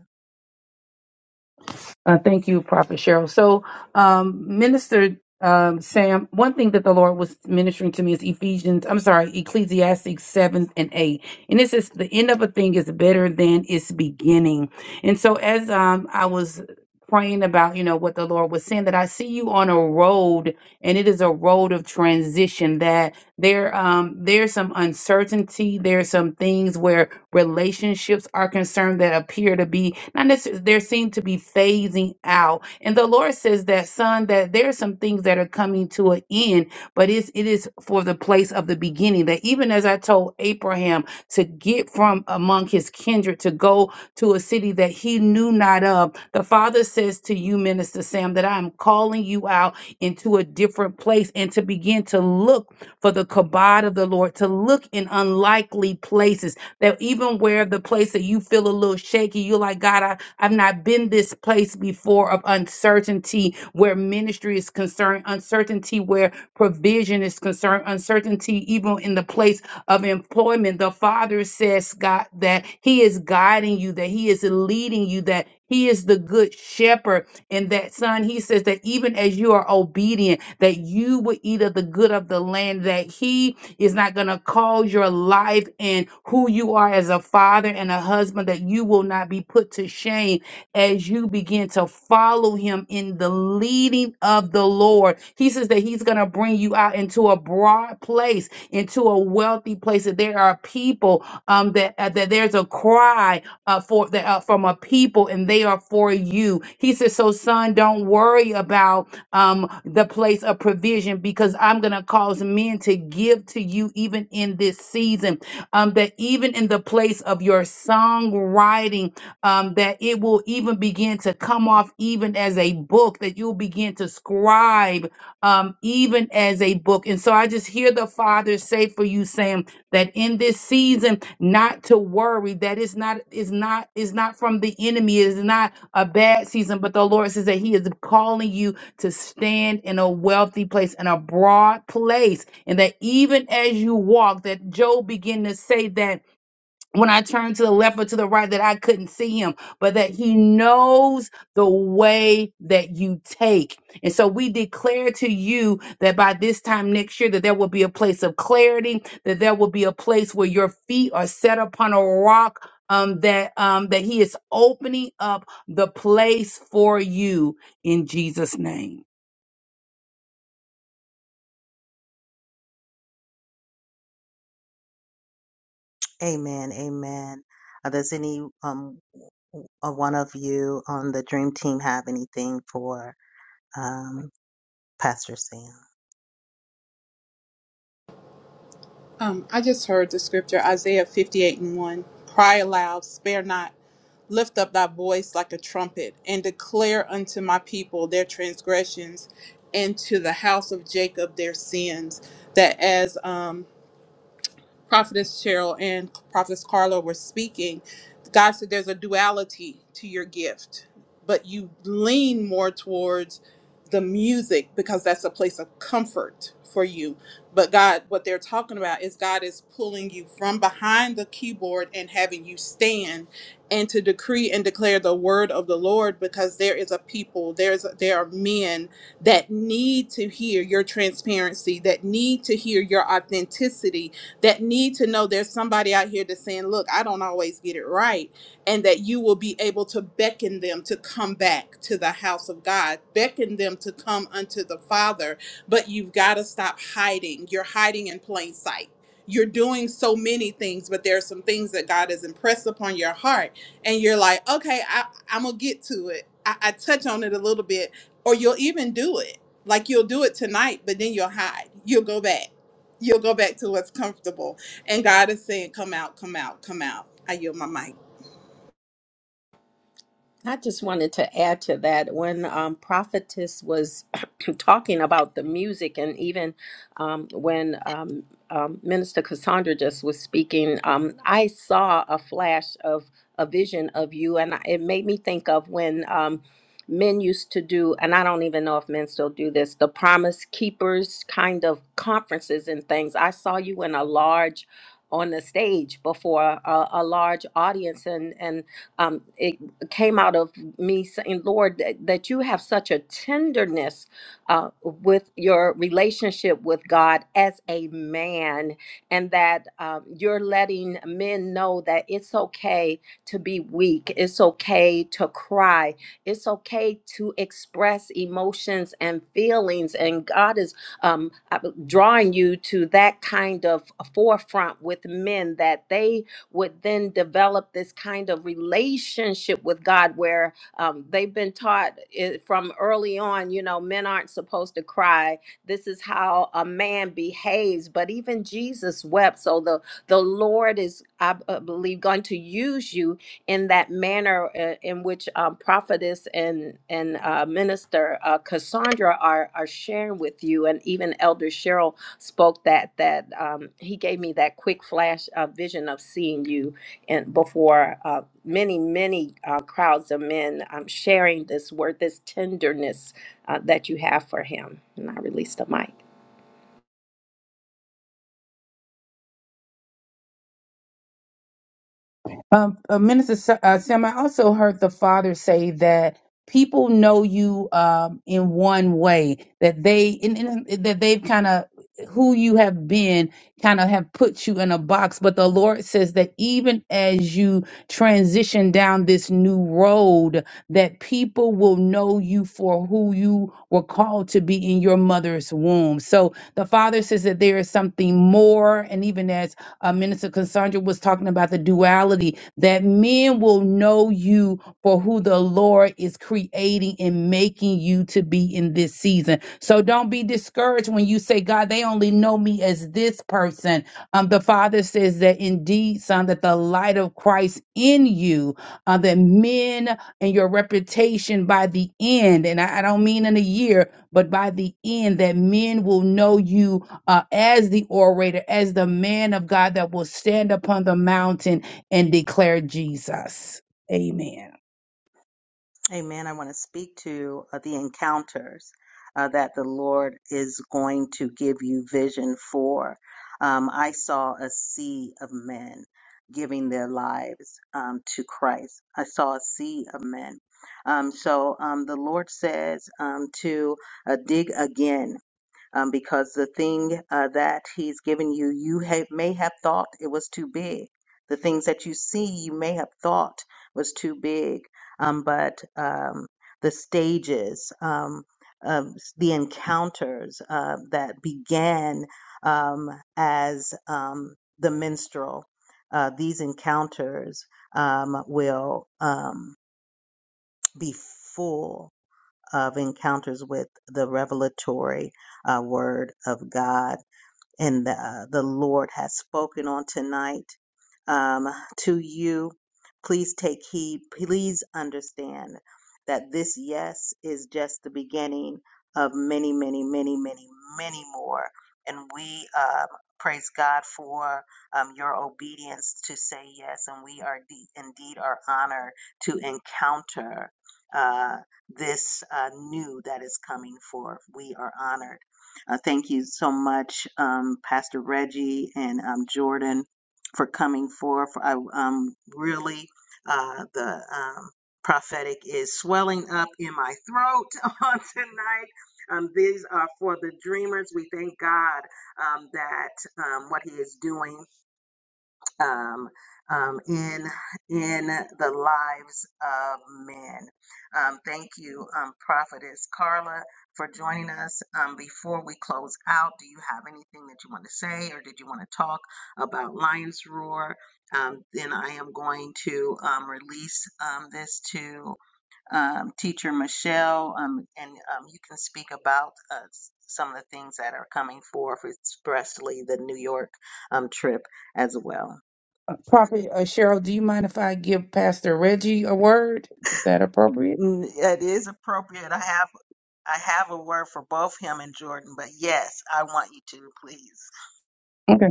I: Uh, thank you, Prophet Cheryl. So, um, Minister um, Sam, one thing that the Lord was ministering to me is Ephesians, I'm sorry, Ecclesiastes 7 and 8. And this is the end of a thing is better than its beginning. And so, as um, I was praying about, you know, what the Lord was saying, that I see you on a road, and it is a road of transition, that there um, there's some uncertainty, there's some things where relationships are concerned that appear to be not necessarily there seem to be phasing out and the lord says that son that there are some things that are coming to an end but it's, it is for the place of the beginning that even as i told abraham to get from among his kindred to go to a city that he knew not of the father says to you minister sam that i'm calling you out into a different place and to begin to look for the kabod of the lord to look in unlikely places that even where the place that you feel a little shaky, you're like, God, I, I've not been this place before of uncertainty where ministry is concerned, uncertainty where provision is concerned, uncertainty even in the place of employment. The Father says, God, that He is guiding you, that He is leading you, that He is the good shepherd. And that, Son, He says that even as you are obedient, that you will eat of the good of the land, that He it's not going to cause your life and who you are as a father and a husband that you will not be put to shame as you begin to follow him in the leading of the Lord. He says that he's going to bring you out into a broad place, into a wealthy place. That there are people um, that uh, that there's a cry uh, for the, uh, from a people, and they are for you. He says, so son, don't worry about um, the place of provision because I'm going to cause men to give to you even in this season. Um, that even in the place of your songwriting, um, that it will even begin to come off even as a book, that you'll begin to scribe um, even as a book. And so I just hear the Father say for you, saying that in this season, not to worry, that it's not, is not, is not from the enemy, it's not a bad season, but the Lord says that He is calling you to stand in a wealthy place, in a broad place, and that even as you walk, that Job began to say that when I turned to the left or to the right, that I couldn't see him, but that he knows the way that you take. And so we declare to you that by this time next year, that there will be a place of clarity, that there will be a place where your feet are set upon a rock. Um, that um, that he is opening up the place for you in Jesus' name.
B: Amen. Amen. Uh, does any um, w- uh, one of you on the dream team have anything for um, Pastor Sam?
E: Um, I just heard the scripture, Isaiah 58 and 1. Cry aloud, spare not, lift up thy voice like a trumpet, and declare unto my people their transgressions, and to the house of Jacob their sins. That as um, Prophetess Cheryl and Prophetess Carla were speaking, God said there's a duality to your gift, but you lean more towards the music because that's a place of comfort for you. But God, what they're talking about is God is pulling you from behind the keyboard and having you stand and to decree and declare the word of the Lord because there is a people, there's there are men that need to hear your transparency, that need to hear your authenticity, that need to know there's somebody out here that's saying, Look, I don't always get it right. And that you will be able to beckon them to come back to the house of God, beckon them to come unto the Father. But you've got to stop hiding. You're hiding in plain sight. You're doing so many things, but there are some things that God has impressed upon your heart. And you're like, okay, I, I'm going to get to it. I, I touch on it a little bit, or you'll even do it. Like you'll do it tonight, but then you'll hide. You'll go back You'll go back to what's comfortable. And God is saying, come out, come out, come out. I yield my mic.
A: I just wanted to add to that when um, Prophetess was talking about the music, and even um, when um, um, Minister Cassandra just was speaking, um, I saw a flash of a vision of you, and I- it made me think of when um, men used to do, and I don't even know if men still do this, the Promise Keepers kind of conferences and things. I saw you in a large on the stage before a, a large audience and and um, it came out of me saying, Lord, that, that you have such a tenderness uh, with your relationship with God as a man, and that um, you're letting men know that it's okay to be weak, it's okay to cry, it's okay to express emotions and feelings, and God is um, uh, drawing you to that kind of forefront with men that they would then develop this kind of relationship with God where um, they've been taught it, from early on, you know, men aren't supposed to cry. This is how a man behaves. But even Jesus wept. So the, the Lord is, I b- uh, believe, going to use you in that manner uh, in which um, prophetess and and uh, minister uh, Cassandra are are sharing with you, and even Elder Cheryl spoke that that um, he gave me that quick flash uh, vision of seeing you and before uh, many many uh, crowds of men um, sharing this word this tenderness uh, that you have for him and i released the mic
I: Um, uh, Minister Sa- uh, Sam, I also heard the father say that people know you um, in one way that they in, in, that they've kind of who you have been kind of have put you in a box but the lord says that even as you transition down this new road that people will know you for who you were called to be in your mother's womb so the father says that there is something more and even as uh, minister cassandra was talking about the duality that men will know you for who the Lord is creating and making you to be in this season. So don't be discouraged when you say, God, they only know me as this person. Um, the Father says that indeed, son, that the light of Christ in you, uh, that men and your reputation by the end, and I, I don't mean in a year, but by the end, that men will know you uh, as the orator, as the man of God that will stand upon the mountain and declare Jesus. Amen.
B: Amen. I want to speak to uh, the encounters uh, that the Lord is going to give you vision for. Um, I saw a sea of men giving their lives um, to Christ. I saw a sea of men. Um, so um, the Lord says um, to uh, dig again um, because the thing uh, that he's given you, you ha- may have thought it was too big. The things that you see, you may have thought was too big, um, but um, the stages, um, um, the encounters uh, that began um, as um, the minstrel, uh, these encounters um, will um, be full of encounters with the revelatory uh, word of God and uh, the Lord has spoken on tonight um, to you. Please take heed. Please understand that this yes is just the beginning of many, many, many, many, many more. And we um, praise God for um, your obedience to say yes. And we are de- indeed are honored to encounter uh, this uh, new that is coming forth. We are honored uh, thank you so much, um, Pastor Reggie and um, Jordan, for coming forth. I um, really uh, the um, prophetic is swelling up in my throat on tonight. Um, these are for the dreamers. We thank God um, that um, what He is doing um, um, in in the lives of men. Um, thank you, um, Prophetess Carla, for joining us. Um, before we close out, do you have anything that you want to say, or did you want to talk about Lion's Roar? Um, then I am going to um, release um, this to um, Teacher Michelle, um, and um, you can speak about uh, s- some of the things that are coming forth, expressly the New York um, trip as well.
I: Uh, Prophet uh, Cheryl, do you mind if I give Pastor Reggie a word? Is that appropriate?
B: Mm, It is appropriate. I have I have a word for both him and Jordan, but yes, I want you to please.
I: Okay.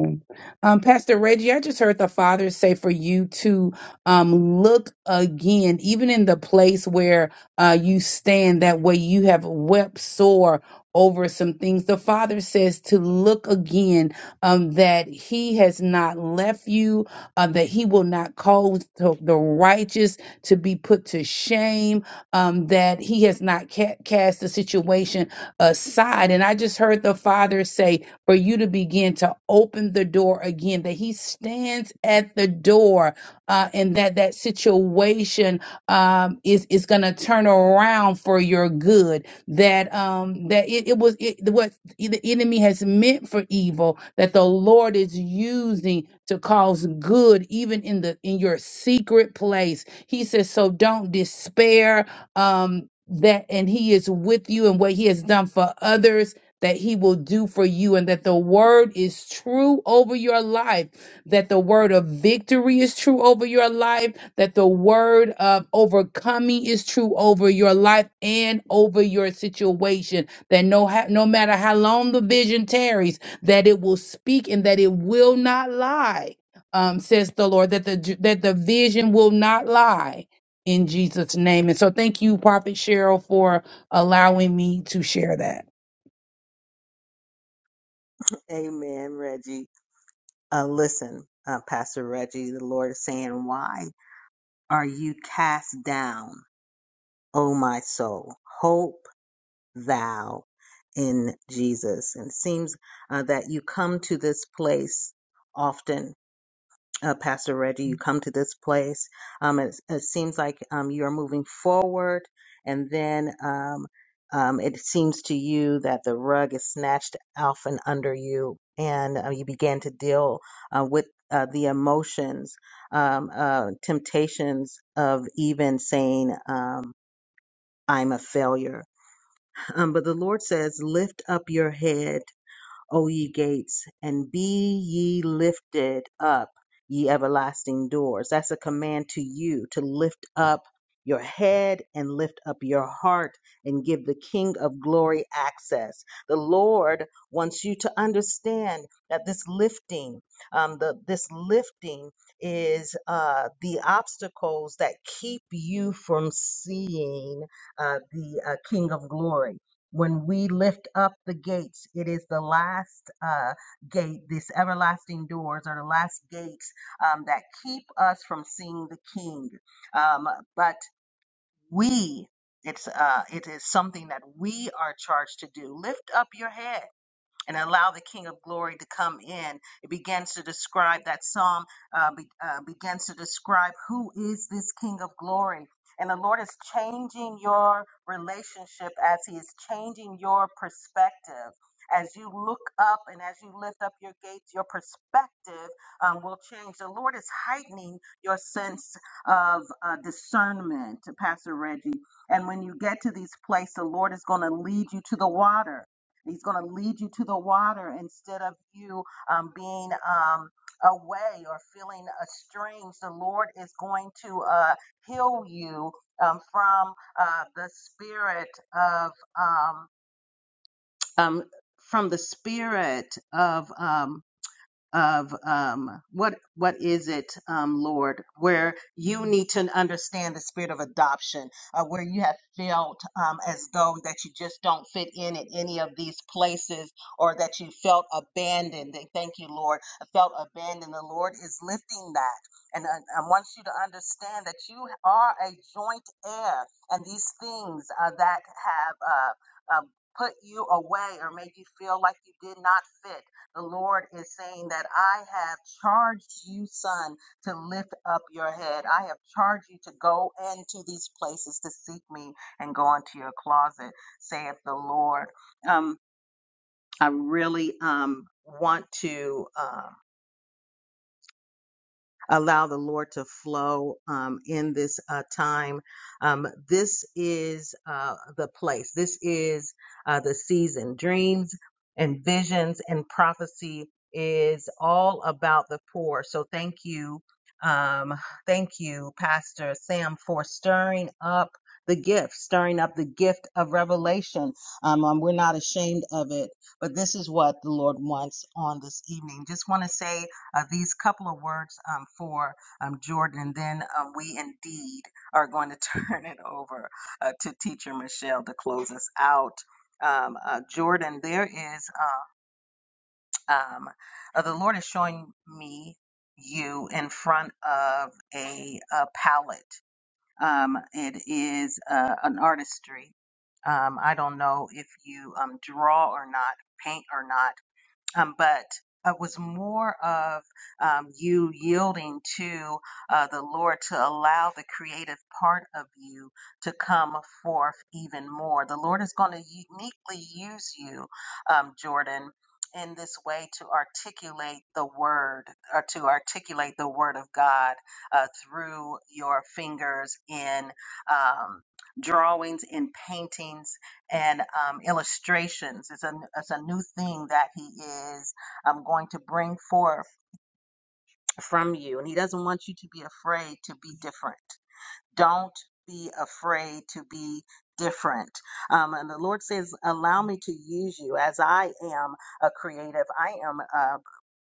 I: Um, Pastor Reggie, I just heard the Father say for you to um, look again, even in the place where uh, you stand, that way you have wept sore over some things. The Father says to look again, um, that He has not left you, uh, that He will not cause the the righteous to be put to shame, um, that He has not ca- cast the situation aside. And I just heard the Father say, for you to begin to open the door again that he stands at the door uh, and that that situation um, is is going to turn around for your good that um that it, it was it, what the enemy has meant for evil that the lord is using to cause good even in the in your secret place he says so don't despair um that and he is with you and what he has done for others that he will do for you and that the word is true over your life, that the word of victory is true over your life, that the word of overcoming is true over your life and over your situation, that no, ha- no matter how long the vision tarries, that it will speak and that it will not lie. Um, says the Lord that the that the vision will not lie in Jesus' name. And so thank you, Prophet Cheryl, for allowing me to share that.
B: Amen, Reggie. Uh, listen, uh, Pastor Reggie, the Lord is saying, "Why are you cast down, O my soul? Hope thou in Jesus." And it seems uh, that you come to this place often uh, Pastor Reggie, you come to this place. Um, it, it seems like um, you are moving forward, and then um, um, it seems to you that the rug is snatched off and under you, and uh, you began to deal uh, with uh, the emotions, um, uh, temptations of even saying, um, I'm a failure. Um, but the Lord says, Lift up your head O ye gates, and be ye lifted up, ye everlasting doors. That's a command to you to lift up your head and lift up your heart and give the King of glory access. The Lord wants you to understand that this lifting, um, the, this lifting is uh, the obstacles that keep you from seeing uh, the uh, King of glory when we lift up the gates, it is the last uh, gate, these everlasting doors are the last gates um, that keep us from seeing the King. Um, but we, it's uh, it is something that we are charged to do. Lift up your head and allow the King of Glory to come in. It begins to describe that psalm uh, be, uh, begins to describe who is this King of Glory. And the Lord is changing your relationship as He is changing your perspective. As you look up and as you lift up your gates, your perspective um, will change. The Lord is heightening your sense of uh, discernment, Pastor Reggie. And when you get to these places, the Lord is going to lead you to the water. He's going to lead you to the water instead of you um, being um, away or feeling estranged. The Lord is going to uh, heal you um, from uh, the spirit of um, um, from the spirit of um, of um, what what is it, um, Lord, where you need to understand the spirit of adoption, uh, where you have felt um, as though that you just don't fit in at any of these places, or that you felt abandoned. And Thank you, Lord, I felt abandoned. The Lord is lifting that, and I, I want you to understand that you are a joint heir, and these things uh, that have. Uh, uh, Put you away or made you feel like you did not fit the Lord is saying that I have charged you, son, to lift up your head. I have charged you to go into these places to seek me and go into your closet, saith the Lord. Um, I really um, want to. uh, allow the Lord to flow um, in this uh, time. Um, this is uh, the place, this is uh, the season. Dreams and visions and prophecy is all about the poor. So thank you. Um, thank you, Pastor Sam, for stirring up the gift, stirring up the gift of revelation. Um, um, we're not ashamed of it, but this is what the Lord wants on this evening. Just want to say uh, these couple of words um, for um, Jordan, and then um, we indeed are going to turn it over uh, to Teacher Michelle to close us out. Um, uh, Jordan, there is uh, um, uh, the Lord is showing me you in front of a, a palette. Um, it is uh, an artistry. Um, I don't know if you um, draw or not, paint or not um, but it was more of um, you yielding to uh, the Lord to allow the creative part of you to come forth even more. The Lord is going to uniquely use you, um, Jordan. In this way, to articulate the word or to articulate the word of God uh, through your fingers in um, drawings, in paintings, and um, illustrations. It's a it's a new thing that he is um, going to bring forth from you, and he doesn't want you to be afraid to be different don't be afraid to be different. Um, and the Lord says, Allow me to use you as I am a creative. I am uh,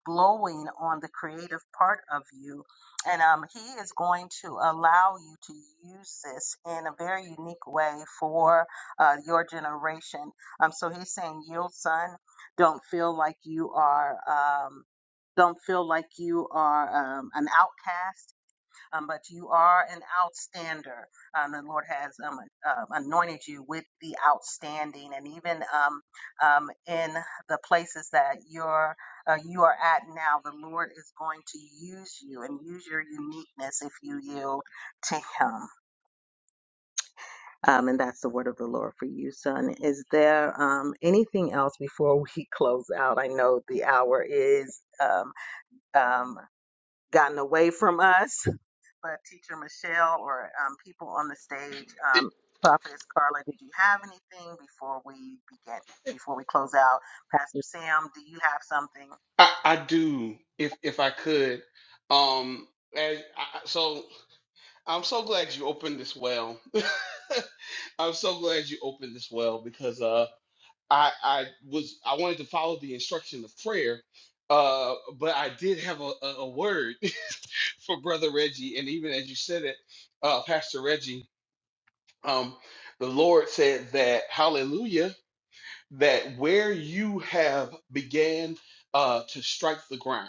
B: blowing on the creative part of you. And um, He is going to allow you to use this in a very unique way for uh, your generation. Um, so He's saying, Yield, son. Don't feel like you are. Um, don't feel like you are um, an outcast um, but you are an outstander. Um, the Lord has um, uh, anointed you with the outstanding, and even um, um, in the places that you're uh, you are at now, the Lord is going to use you and use your uniqueness if you yield to Him. Um, and that's the word of the Lord for you, son. Is there um, anything else before we close out? I know the hour is um, um, gotten away from us but Teacher Michelle or um, people on the stage,
D: It-
B: um, Prophetess Carla, did you have anything before we begin, before we close out? Pastor Sam, do you have something?
D: I, I do, if if I could. Um, as I, so, I'm so glad you opened this well. I'm so glad you opened this well because uh. I I was I wanted to follow the instruction of prayer, uh, but I did have a, a, a word for Brother Reggie, and even as you said it, uh, Pastor Reggie, um, the Lord said that Hallelujah, that where you have began uh, to strike the ground,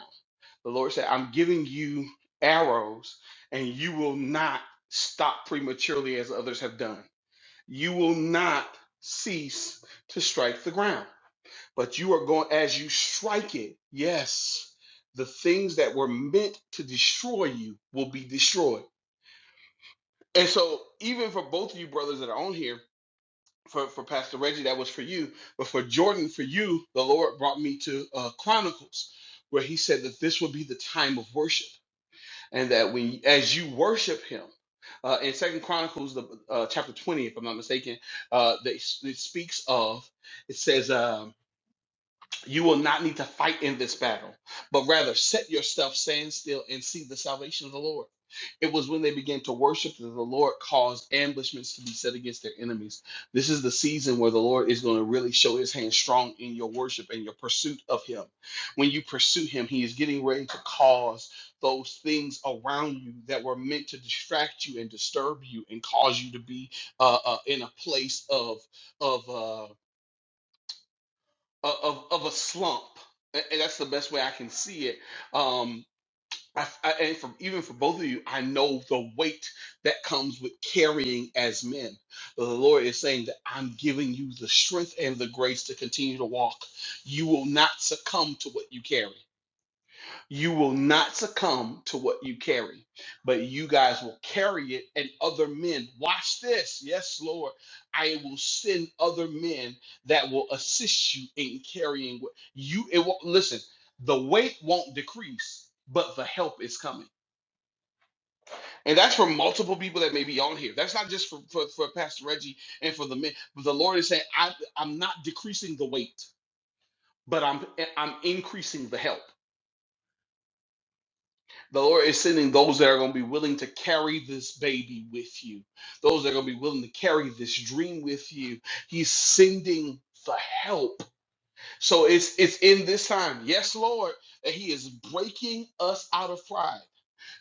D: the Lord said, I'm giving you arrows, and you will not stop prematurely as others have done. You will not cease to strike the ground but you are going as you strike it yes the things that were meant to destroy you will be destroyed and so even for both of you brothers that are on here for, for pastor reggie that was for you but for jordan for you the lord brought me to uh, chronicles where he said that this would be the time of worship and that when as you worship him uh, in second chronicles the uh, chapter 20 if i'm not mistaken uh, that it speaks of it says um, You will not need to fight in this battle, but rather set yourself, stand still, and see the salvation of the Lord. It was when they began to worship that the Lord caused ambushments to be set against their enemies. This is the season where the Lord is going to really show his hand strong in your worship and your pursuit of him. When you pursue him, he is getting ready to cause those things around you that were meant to distract you and disturb you and cause you to be uh, uh, in a place of of uh, of of a slump. And that's the best way I can see it. Um, I, I, and from even for both of you, I know the weight that comes with carrying as men. The Lord is saying that I'm giving you the strength and the grace to continue to walk. You will not succumb to what you carry. You will not succumb to what you carry, but you guys will carry it and other men. Watch this. Yes, Lord. I will send other men that will assist you in carrying what you it won't listen, the weight won't decrease, but the help is coming. And that's for multiple people that may be on here. That's not just for, for, for Pastor Reggie and for the men. But the Lord is saying, I, I'm not decreasing the weight, but I'm I'm increasing the help. The Lord is sending those that are going to be willing to carry this baby with you, those that are going to be willing to carry this dream with you. He's sending the help. So it's it's in this time, yes, Lord, that He is breaking us out of pride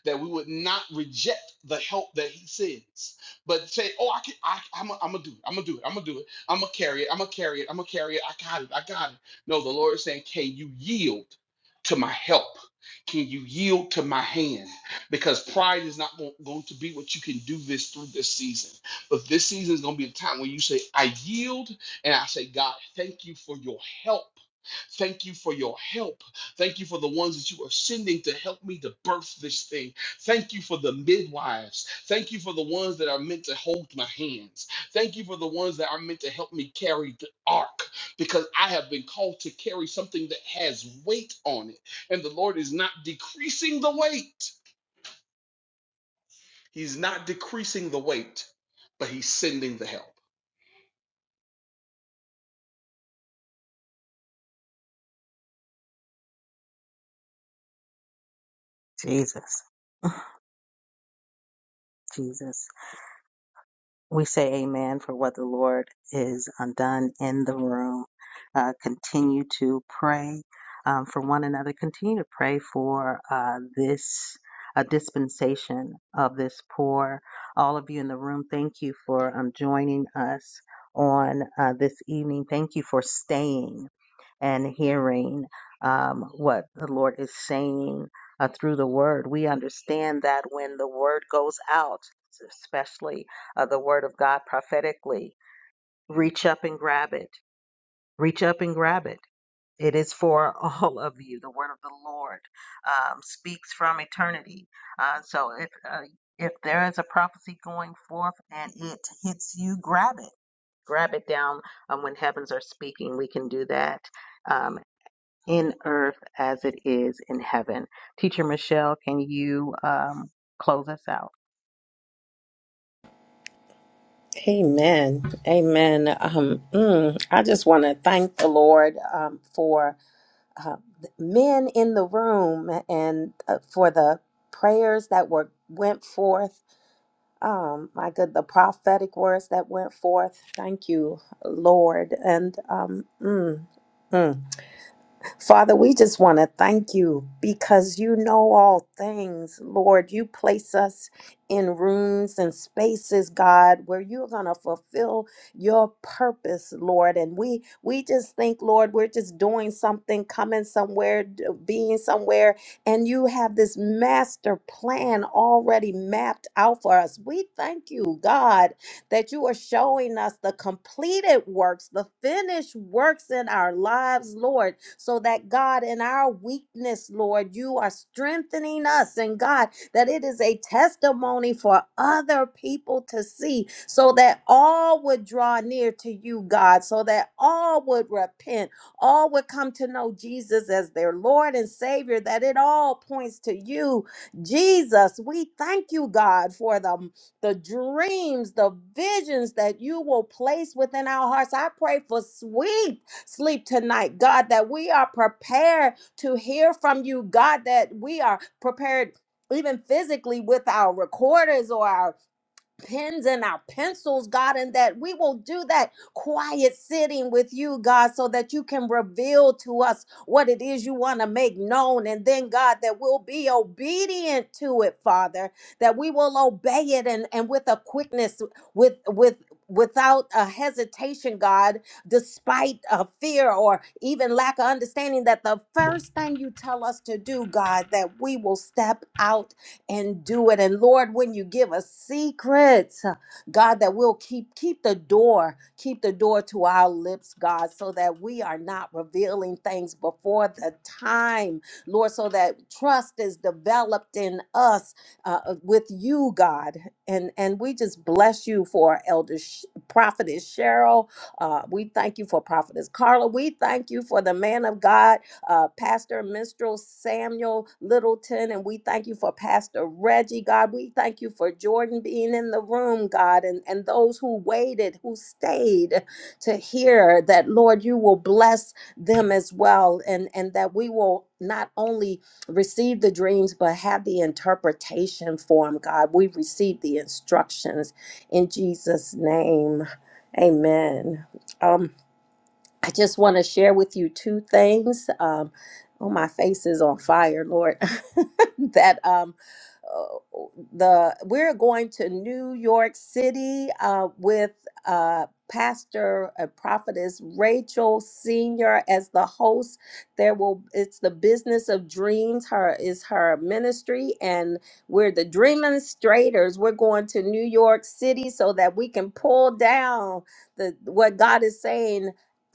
D: that we would not reject the help that He sends, but say, "Oh, I can, I, I'm gonna do it. I'm gonna do it. I'm gonna do it. I'm gonna carry it. I'm gonna carry it. I'm gonna carry it. I got it. I got it." No, the Lord is saying, "Can you yield to my help?" Can you yield to my hand? Because pride is not go- going to be what you can do this through this season. But this season is going to be a time where you say, I yield and I say, God, thank you for your help. Thank you for your help. Thank you for the ones that you are sending to help me to birth this thing. Thank you for the midwives. Thank you for the ones that are meant to hold my hands. Thank you for the ones that are meant to help me carry the ark because I have been called to carry something that has weight on it. And the Lord is not decreasing the weight. He's not decreasing the weight, but He's sending the help.
B: Jesus, Jesus. We say amen for what the Lord is uh, done in the room. Uh, continue to pray um, for one another. Continue to pray for uh, this uh, dispensation of this poor. All of you in the room, thank you for um, joining us on uh, this evening. Thank you for staying and hearing um, what the Lord is saying uh, through the word. We understand that when the word goes out, especially uh, the word of God prophetically. Reach up and grab it. Reach up and grab it. It is for all of you. The word of the Lord um, speaks from eternity. Uh, so if uh, if there is a prophecy going forth and it hits you, grab it. Grab it down. Um, when heavens are speaking, we can do that. Um, in earth as it is in heaven. Teacher Michelle, can you um, close us out?
A: Amen. Amen. Um, mm, I just want to thank the Lord um, for uh, the men in the room and uh, for the prayers that were went forth um, my good, the prophetic words that went forth. Thank you, Lord. And um, mm, mm. Father, we just want to thank you because you know all things. Lord, you place us in rooms and spaces, God, where you're going to fulfill your purpose, Lord. And we we just think, Lord, we're just doing something, coming somewhere, d- being somewhere, and you have this master plan already mapped out for us. We thank you, God, that you are showing us the completed works, the finished works in our lives, Lord, so that God, in our weakness, Lord, you are strengthening us. And God, that it is a testimony for other people to see, so that all would draw near to you, God, so that all would repent, all would come to know Jesus as their Lord and Savior, that it all points to you, Jesus, we thank you, God, for the the dreams, the visions that you will place within our hearts. I pray for sweet sleep tonight, God, that we are prepared to hear from you, God, that we are prepared even physically with our recorders or our pens and our pencils, God, and that we will do that quiet sitting with you, God, so that you can reveal to us what it is you want to make known. And then, God, that we'll be obedient to it, Father, that we will obey it and, and with a quickness, with, with, without a hesitation god despite a fear or even lack of understanding that the first thing you tell us to do god that we will step out and do it. And Lord, when you give us secrets, uh, God, that we'll keep keep the door, keep the door to our lips, God, so that we are not revealing things before the time, Lord, so that trust is developed in us uh, uh, with you, God. And and we just bless you for Elder Sh- Prophetess Cheryl. Uh, we thank you for Prophetess Carla. We thank you for the man of God uh, Pastor Minstrel Samuel Littleton, and we thank you for Pastor Reggie, God. We thank you for Jordan being in the room, God, and, and those who waited, who stayed to hear that, Lord, you will bless them as well, and, and that we will not only receive the dreams, but have the interpretation for them, God. We receive the instructions in Jesus' name. Amen. Um, I just want to share with you two things. Um, oh, my face is on fire, Lord. that um, uh, the we're going to New York City uh, with uh, Pastor and Prophetess Rachel Senior as the host. There will it's the business of dreams. Her is her ministry, and we're the Dreaminstrators. We're going to New York City so that we can pull down the what God is saying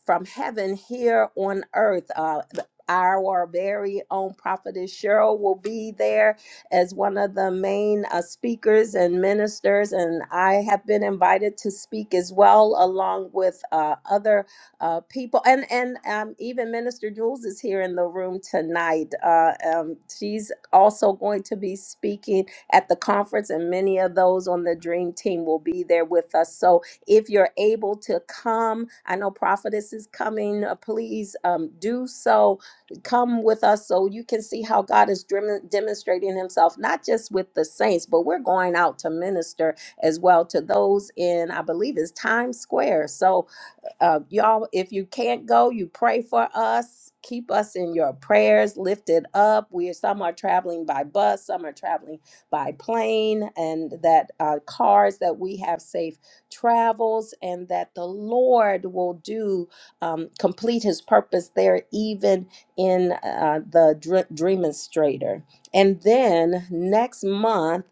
A: from heaven here on earth. Uh, our very own prophetess Cheryl will be there as one of the main uh, speakers and ministers, and I have been invited to speak as well, along with uh, other uh, people, and and um, even Minister Jules is here in the room tonight. Uh, um, she's also going to be speaking at the conference, and many of those on the Dream Team will be there with us. So if you're able to come, I know Prophetess is coming. uh, Please um, do so. Come with us so you can see how God is drim- demonstrating Himself, not just with the saints, but we're going out to minister as well to those in, I believe, is Times Square. So uh, y'all, if you can't go, you pray for us. Keep us in your prayers lifted up. We are, some are traveling by bus, some are traveling by plane, and that uh, cars that we have safe travels, and that the Lord will do um, complete His purpose there, even in uh, the dr- Dreaminstrator. And then next month.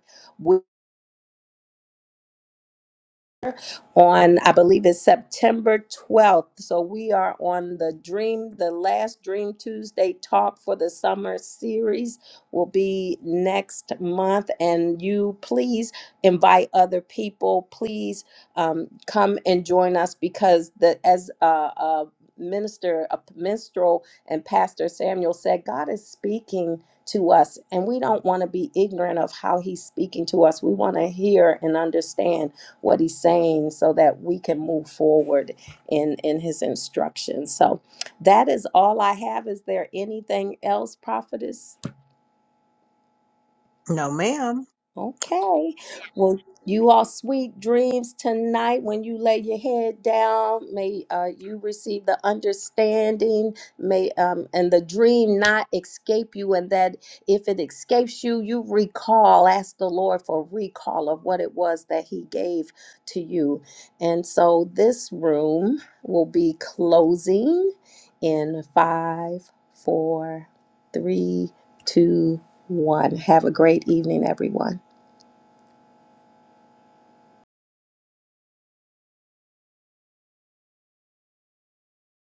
A: on I believe it's September 12th. So we are on the Dream, the last Dream Tuesday talk for the summer series will be next month. And you please invite other people. Please um, come and join us because the as a, a minister, a minstrel, and pastor Samuel said, God is speaking to us and we don't want to be ignorant of how he's speaking to us we want to hear and understand what he's saying so that we can move forward in in his instructions so that is all i have is there anything else prophetess
B: No, ma'am.
A: Okay. Well, you all sweet dreams tonight when you lay your head down. May uh, you receive the understanding. May um, and the dream not escape you, and that if it escapes you, you recall. Ask the Lord for recall of what it was that He gave to you. And so this room will be closing in five, four, three, two, one. Have a great evening, everyone.